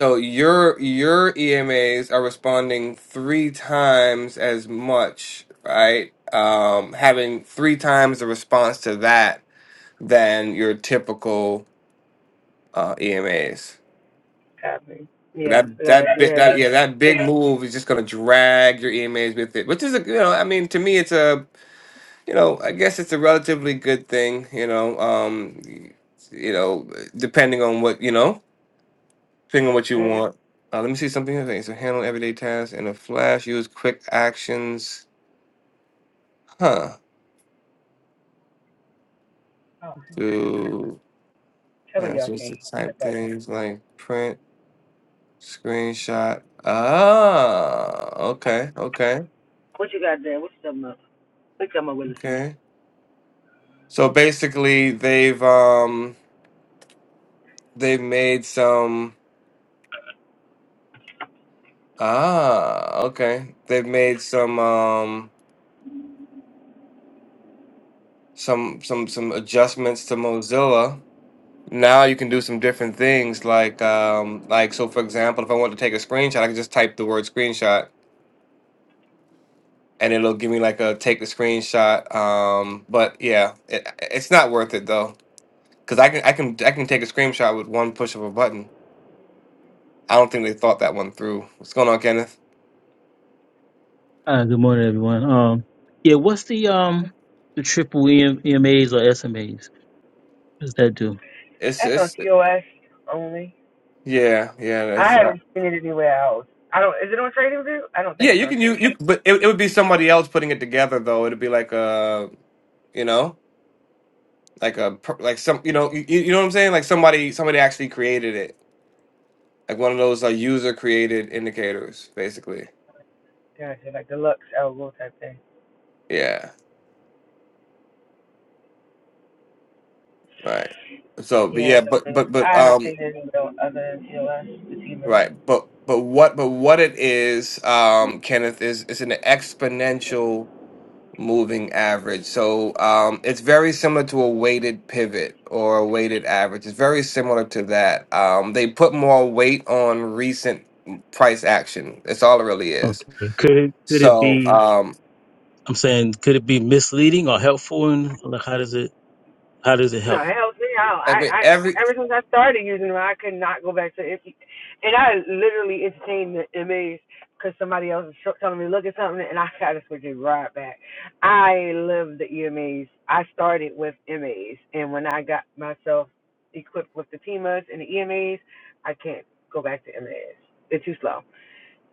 [SPEAKER 2] So your your EMAs are responding three times as much, right? Um, having three times the response to that than your typical uh, EMAs.
[SPEAKER 3] Copy.
[SPEAKER 2] So
[SPEAKER 3] Yeah,
[SPEAKER 2] That
[SPEAKER 3] so I
[SPEAKER 2] that
[SPEAKER 3] do
[SPEAKER 2] big
[SPEAKER 3] have
[SPEAKER 2] that
[SPEAKER 3] that.
[SPEAKER 2] yeah that big
[SPEAKER 3] Yeah.
[SPEAKER 2] move is just gonna drag your EMAs with it, which is a you know I mean to me it's a you know I guess it's a relatively good thing you know um you know depending on what you know depending on what you
[SPEAKER 3] Mhm.
[SPEAKER 2] want. Uh, let me see something here. Okay, So handle everyday tasks in a flash. Use quick actions. Huh?
[SPEAKER 3] Oh,
[SPEAKER 2] Do
[SPEAKER 3] tell me y'all
[SPEAKER 2] actions
[SPEAKER 3] can't.
[SPEAKER 2] to
[SPEAKER 3] hear that
[SPEAKER 2] type
[SPEAKER 3] button.
[SPEAKER 2] things like print, screenshot. Ah, okay, okay,
[SPEAKER 3] What you got there? What's you up? What's up you talking Willis?
[SPEAKER 2] okay. So basically, they've um they've made some ah okay they've made some um some some some adjustments to Mozilla. Now you can do some different things like um like so for example, if I want to take a screenshot, I can just type the word screenshot and it'll give me like a take the screenshot. Um, but yeah, it, it's not worth it though because I can I can I can take a screenshot with one push of a button. I don't think they thought that one through. What's going on, Kenneth?
[SPEAKER 8] Uh, good morning, everyone. Um, yeah, what's the um the triple EM, EMAs or SMAs? What does that do?
[SPEAKER 2] It's
[SPEAKER 3] That's on
[SPEAKER 2] it's
[SPEAKER 3] TOS only.
[SPEAKER 2] Yeah, yeah, that's
[SPEAKER 3] I
[SPEAKER 2] uh,
[SPEAKER 3] haven't seen it anywhere else. I don't. Is it on Trading View? I don't think
[SPEAKER 2] yeah.
[SPEAKER 3] it's
[SPEAKER 2] You
[SPEAKER 3] on
[SPEAKER 2] can you
[SPEAKER 3] Trading.
[SPEAKER 2] you, but it, it would be somebody else putting it together though. It'd be like a you know like a per- like some you know you, you know what I'm saying like somebody somebody actually created it like one of those uh, user created indicators basically.
[SPEAKER 3] View. Gotcha, like deluxe algo type thing.
[SPEAKER 2] Yeah, right. So, but
[SPEAKER 3] Yes,
[SPEAKER 2] yeah, but
[SPEAKER 3] okay.
[SPEAKER 2] but but
[SPEAKER 3] I haven't
[SPEAKER 2] um,
[SPEAKER 3] taken any no other TLS sativa.
[SPEAKER 2] right, but but what but what it is um, Kenneth is is an exponential moving average. So um, it's very similar to a weighted pivot or a weighted average. It's very similar to that. Um, they put more weight on recent price action. That's all it really is.
[SPEAKER 8] Okay. Could it could it
[SPEAKER 2] So
[SPEAKER 8] be?
[SPEAKER 2] um,
[SPEAKER 8] I'm saying, could it be misleading or helpful? And like, how does it how does it
[SPEAKER 3] No,
[SPEAKER 8] help?
[SPEAKER 3] it helps me out.
[SPEAKER 2] every
[SPEAKER 3] I, I,
[SPEAKER 2] every
[SPEAKER 3] ever since I started using them, I could not go back to it. And I literally entertained the MAs because somebody else was tr- telling me to look at something, and I got to switch it right back. I love the EMAs. I started with MAs, and when I got myself equipped with the TMAs and the EMAs, I can't go back to MAs. They're too slow.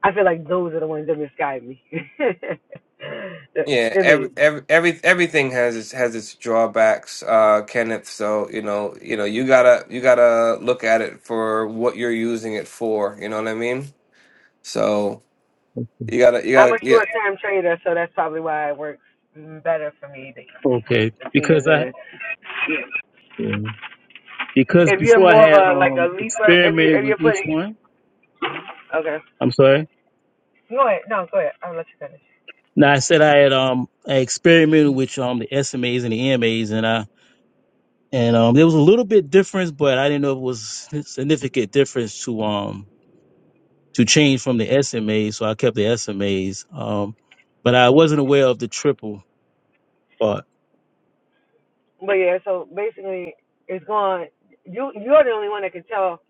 [SPEAKER 3] I feel like those are the ones that misguide me. the
[SPEAKER 2] yeah every,
[SPEAKER 3] MAs.
[SPEAKER 2] every every everything has its has its drawbacks, uh, Kenneth. So you know you know you gotta you gotta look at it for what you're using it for. You know what I mean? So
[SPEAKER 8] Okay.
[SPEAKER 2] you gotta you
[SPEAKER 3] I'm
[SPEAKER 2] gotta
[SPEAKER 3] a
[SPEAKER 2] yeah.
[SPEAKER 3] short term trader, so that's probably why it works better for me. The, the,
[SPEAKER 8] Okay.
[SPEAKER 3] the team
[SPEAKER 8] Because
[SPEAKER 3] is
[SPEAKER 8] I
[SPEAKER 3] in it.
[SPEAKER 8] yeah. because
[SPEAKER 3] If you're
[SPEAKER 8] before I
[SPEAKER 3] more of
[SPEAKER 8] had
[SPEAKER 3] a like a
[SPEAKER 8] um
[SPEAKER 3] leaper, if you
[SPEAKER 8] experimented
[SPEAKER 3] if
[SPEAKER 8] with
[SPEAKER 3] you're
[SPEAKER 8] each
[SPEAKER 3] putting
[SPEAKER 8] one.
[SPEAKER 3] okay,
[SPEAKER 8] I'm sorry.
[SPEAKER 3] go ahead. No, go ahead. I'll let you finish.
[SPEAKER 8] Now I said I had um I experimented with um the SMAs and the EMAs and I and um there was a little bit difference, but I didn't know if it was significant difference to um to change from the SMAs, so I kept the SMAs. Um, but I wasn't aware of the triple part.
[SPEAKER 3] But yeah, so basically, it's going. You you're the only one that can tell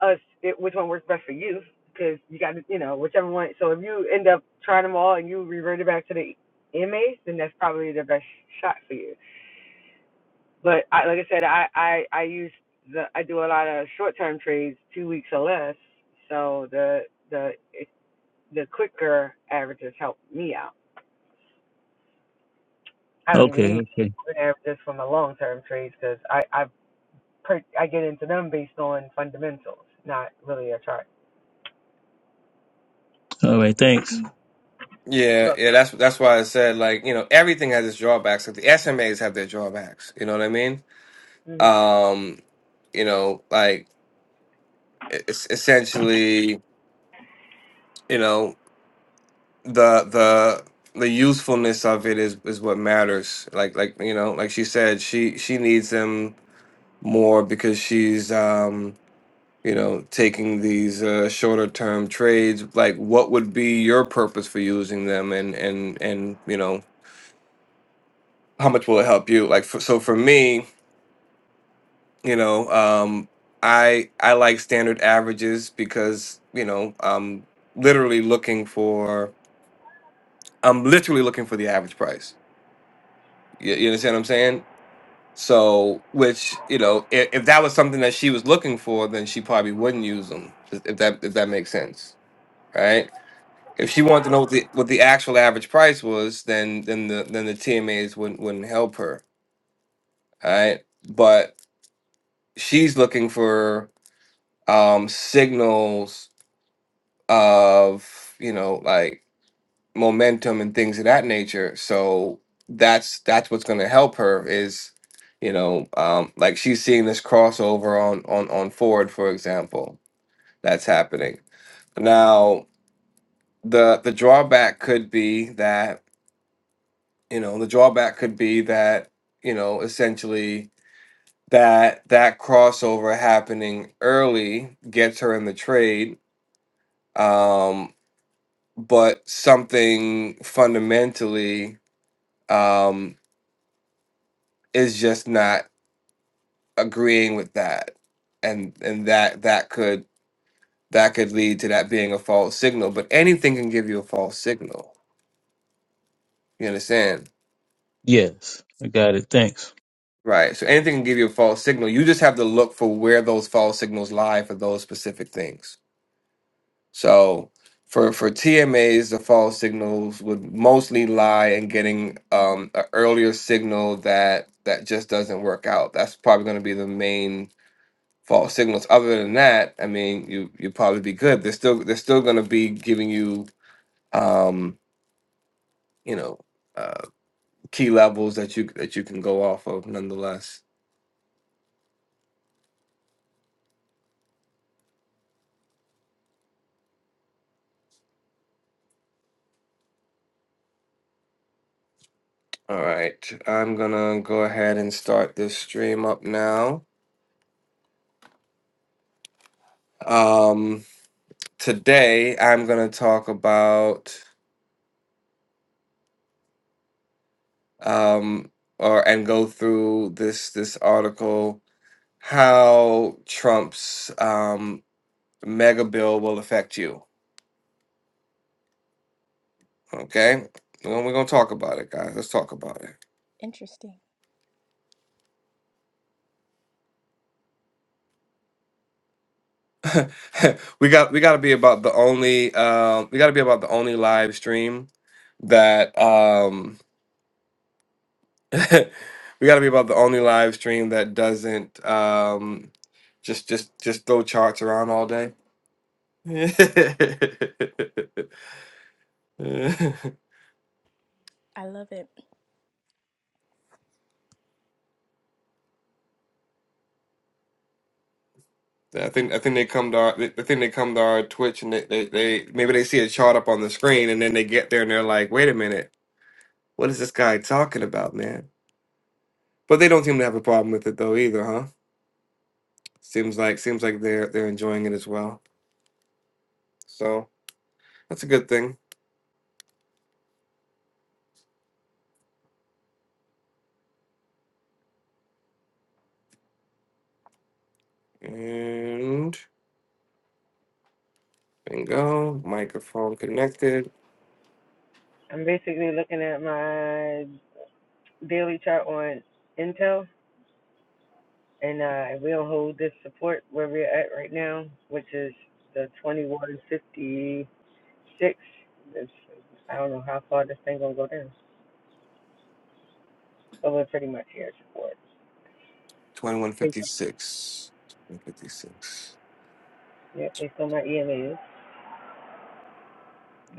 [SPEAKER 3] us it, which one works best for you because you got to you know whichever one. So if you end up trying them all and you revert it back to the inmates, then that's probably the best shot for you. But I, like I said, I, I, I use the, I do a lot of short term trades, two weeks or less. So the, the, the quicker averages help me out. I don't even
[SPEAKER 8] Okay,
[SPEAKER 3] need
[SPEAKER 8] okay.
[SPEAKER 3] moving averages for my long term trades because I, I, per, I get into them based on fundamentals, not really a chart.
[SPEAKER 8] All right, thanks.
[SPEAKER 2] Yeah,
[SPEAKER 3] Look,
[SPEAKER 2] yeah, that's that's why I said like, you know, everything has its drawbacks. Like the SMAs have their drawbacks, you know what I mean?
[SPEAKER 3] mhm.
[SPEAKER 2] Um, you know, like it's essentially, you know, the the the usefulness of it is is what matters. Like like, you know, like she said, she she needs them more because she's um, you know, taking these uh shorter term trades. Like what would be your purpose for using them and and and, you know, how much will it help you? Like for, so for me, You know, um, I I like standard averages because you know I'm literally looking for I'm literally looking for the average price. You, you understand what I'm saying? So, which you know, if, if that was something that she was looking for, then she probably wouldn't use them. If if that if that makes sense, right? If she wanted to know what the what the actual average price was, then then the then the TMAs wouldn't wouldn't help her, all right? But she's looking for um signals of you know like momentum and things of that nature so that's that's what's going to help her is you know um like she's seeing this crossover on on on ford for example that's happening now the the drawback could be that you know the drawback could be that you know essentially that that crossover happening early gets her in the trade um but something fundamentally um, is just not agreeing with that, and and that that could that could lead to that being a false signal. But anything can give you a false signal. You understand?
[SPEAKER 8] Yes, I got it. Thanks.
[SPEAKER 2] Right. So anything can give you a false signal. You just have to look for where those false signals lie for those specific things. So for for TMAs, the false signals would mostly lie in getting um, an earlier signal that that just doesn't work out. That's probably going to be the main false signals. Other than that, I mean, you you probably be good. They're still they're still going to be giving you um, you know uh, key levels that you that you can go off of nonetheless. All right, I'm gonna go ahead and start this stream up now. Um, today I'm going to talk about um, or and go through this this article how Trump's um, mega bill will affect you. Okay, well, we're gonna talk about it, guys. Let's talk about
[SPEAKER 5] Interesting.
[SPEAKER 2] it. we got we got to be about the only uh, we got to be about the only live stream that um, we got to be about the only live stream that doesn't um, just just just throw charts around all day.
[SPEAKER 5] I love it.
[SPEAKER 2] I think I think they come to our I think they come to our Twitch and they, they, they maybe they see a chart up on the screen and then they get there and they're like, wait a minute, what is this guy talking about, man? But they don't seem to have a problem with it though either, huh? Seems like seems like they're they're enjoying it as well. So that's a good thing. And bingo, microphone connected.
[SPEAKER 3] I'm basically looking at my daily chart on Intel, and uh, we'll hold this support where we're at right now, which is the 2150. six. This, I don't know how far this thing gonna go down, but we're pretty much here support.
[SPEAKER 2] Twenty one
[SPEAKER 3] They,
[SPEAKER 2] fifty six. Twenty fifty six.
[SPEAKER 3] yeah, they still my EMA. is.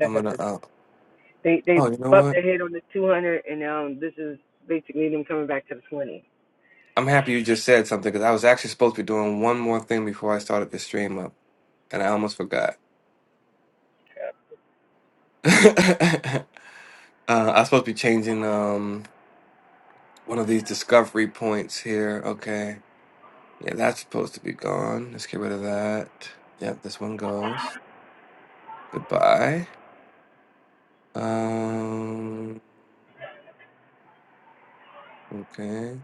[SPEAKER 2] I'm
[SPEAKER 3] at
[SPEAKER 2] gonna
[SPEAKER 3] the
[SPEAKER 2] uh
[SPEAKER 3] they they
[SPEAKER 2] oh you know
[SPEAKER 3] bumped
[SPEAKER 2] what?
[SPEAKER 3] their head on the two hundred, and um, this is basically them coming back to the twenty.
[SPEAKER 2] I'm happy you just said something because I was actually supposed to be doing one more thing before I started the stream up. and I almost forgot. uh, I'm supposed to be changing um one of these discovery points here. Okay, yeah, that's supposed to be gone. Let's get rid of that. Yep, this one goes. Goodbye. Um. Okay.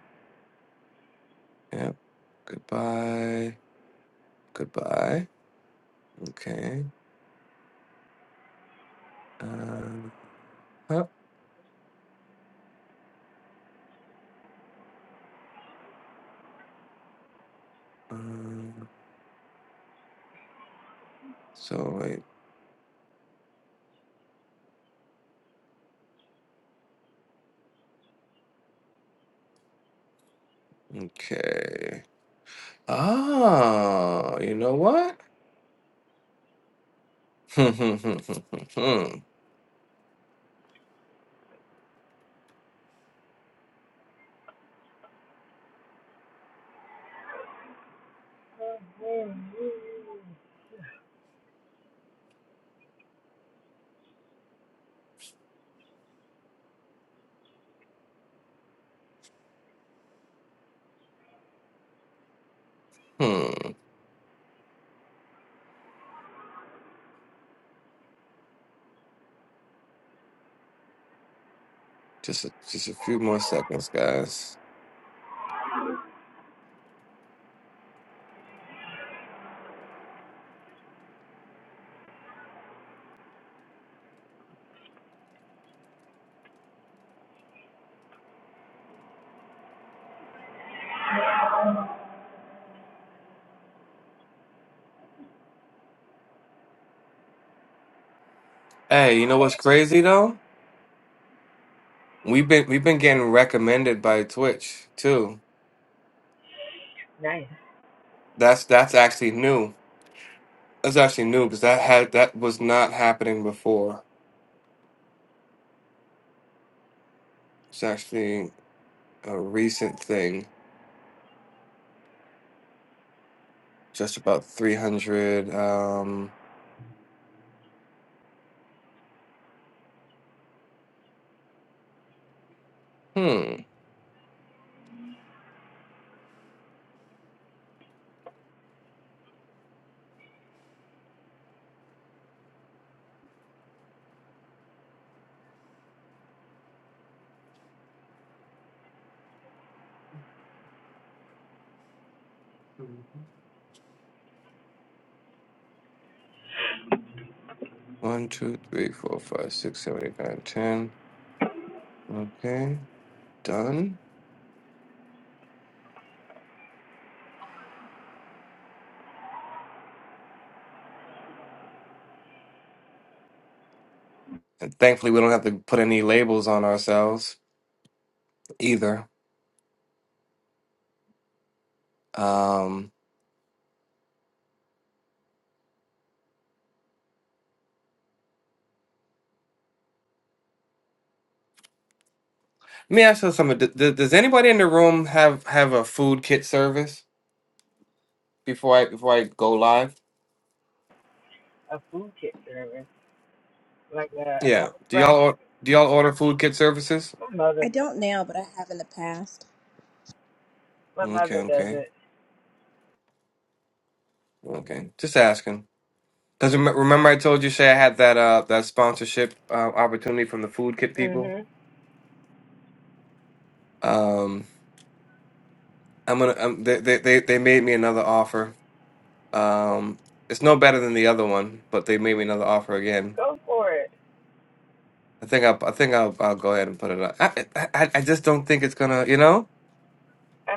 [SPEAKER 2] Yep. Goodbye. Goodbye. Okay. Uh. Huh. Um, so wait. Okay. Ah. You know what? Hmm. Hmm. Hmm. Hmm. hmm. hmm. Just a, just a few more seconds, guys. Hey, you know what's crazy though? We've been we've been getting recommended by Twitch too.
[SPEAKER 3] Nice,
[SPEAKER 2] That's that's actually new. That's actually new because that had that was not happening before. It's actually a recent thing. Just about three hundred. Um, hmm. One, two, three, four, five, six, seven, eight, nine, ten. Okay, done. And thankfully, we don't have to put any labels on ourselves either. Um, Let me ask you something. D- d- does anybody in the room have have a food kit service before I before I go live?
[SPEAKER 3] a food kit service like a
[SPEAKER 2] Yeah.
[SPEAKER 3] hot
[SPEAKER 2] Do y'all
[SPEAKER 3] fresh.
[SPEAKER 2] or- do y'all order food kit services?
[SPEAKER 3] My mother
[SPEAKER 5] I
[SPEAKER 3] does it.
[SPEAKER 5] don't now, but I have in the past.
[SPEAKER 3] My
[SPEAKER 2] Okay,
[SPEAKER 3] mother does
[SPEAKER 2] okay,
[SPEAKER 3] it.
[SPEAKER 2] okay. Just asking. Because remember, I told you, Shay, I had that uh that sponsorship uh, opportunity from the food kit people.
[SPEAKER 3] Mhm.
[SPEAKER 2] Um, I'm gonna um, they, they they they made me another offer. Um, it's no better than the other one, but they made me another offer again.
[SPEAKER 3] Go for it.
[SPEAKER 2] I think I'll I think I'll I'll go ahead and put it up. I I, I I just don't think it's gonna you know.
[SPEAKER 3] I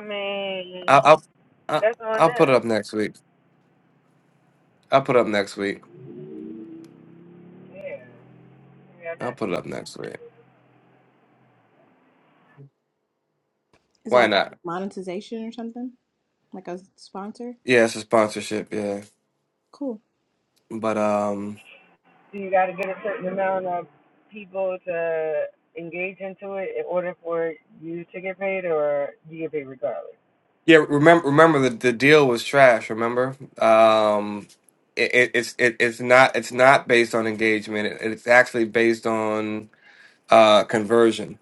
[SPEAKER 2] I'll,
[SPEAKER 3] mean,
[SPEAKER 2] I'll I-
[SPEAKER 3] that's on
[SPEAKER 2] I'll put it up
[SPEAKER 3] them.
[SPEAKER 2] next week. I'll put it up next week.
[SPEAKER 3] Yeah. Yeah.
[SPEAKER 2] I'll put it up next week.
[SPEAKER 5] Is
[SPEAKER 2] Why
[SPEAKER 5] that for
[SPEAKER 2] not?
[SPEAKER 5] like monetization or something? Like a sponsor?
[SPEAKER 2] Yeah, it's a sponsorship. Yeah,
[SPEAKER 5] Cool.
[SPEAKER 2] but um,
[SPEAKER 3] So you got to get a certain amount of people to engage into it in order for you to get paid, or you get paid regardless.
[SPEAKER 2] yeah. Remember, remember the the deal was trash. Remember, um, it, it it's it, it's not it's not based on engagement. It, it's actually based on uh conversion.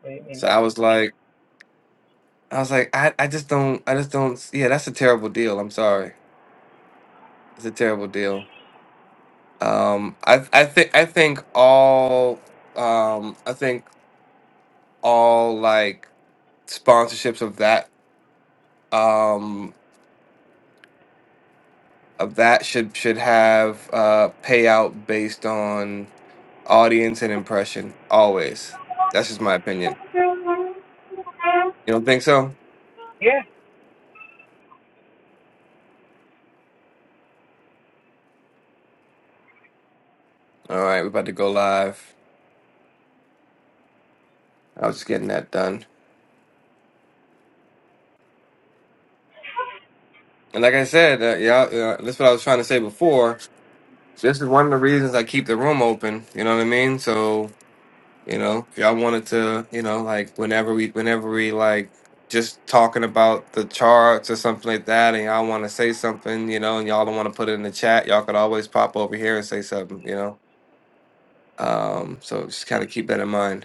[SPEAKER 3] What do you mean
[SPEAKER 2] So
[SPEAKER 3] by?
[SPEAKER 2] I
[SPEAKER 3] that?
[SPEAKER 2] was like, I was like, I I just don't I just don't. Yeah, that's a terrible deal. I'm sorry, it's a terrible deal. Um, I I think I think all um, I think all like sponsorships of that um of that should should have uh payout based on audience and impression always that's just my opinion you don't think so
[SPEAKER 3] Yeah,
[SPEAKER 2] all right we're about to go live i was just getting that done and like i said uh, yeah uh, that's what i was trying to say before this is one of the reasons i keep the room open you know what i mean so You know, y'all wanted to, you know, like whenever we, whenever we like just talking about the charts or something like that, and y'all want to say something, you know, and y'all don't want to put it in the chat, y'all could always pop over here and say something, you know. Um, so just kind of keep that in mind.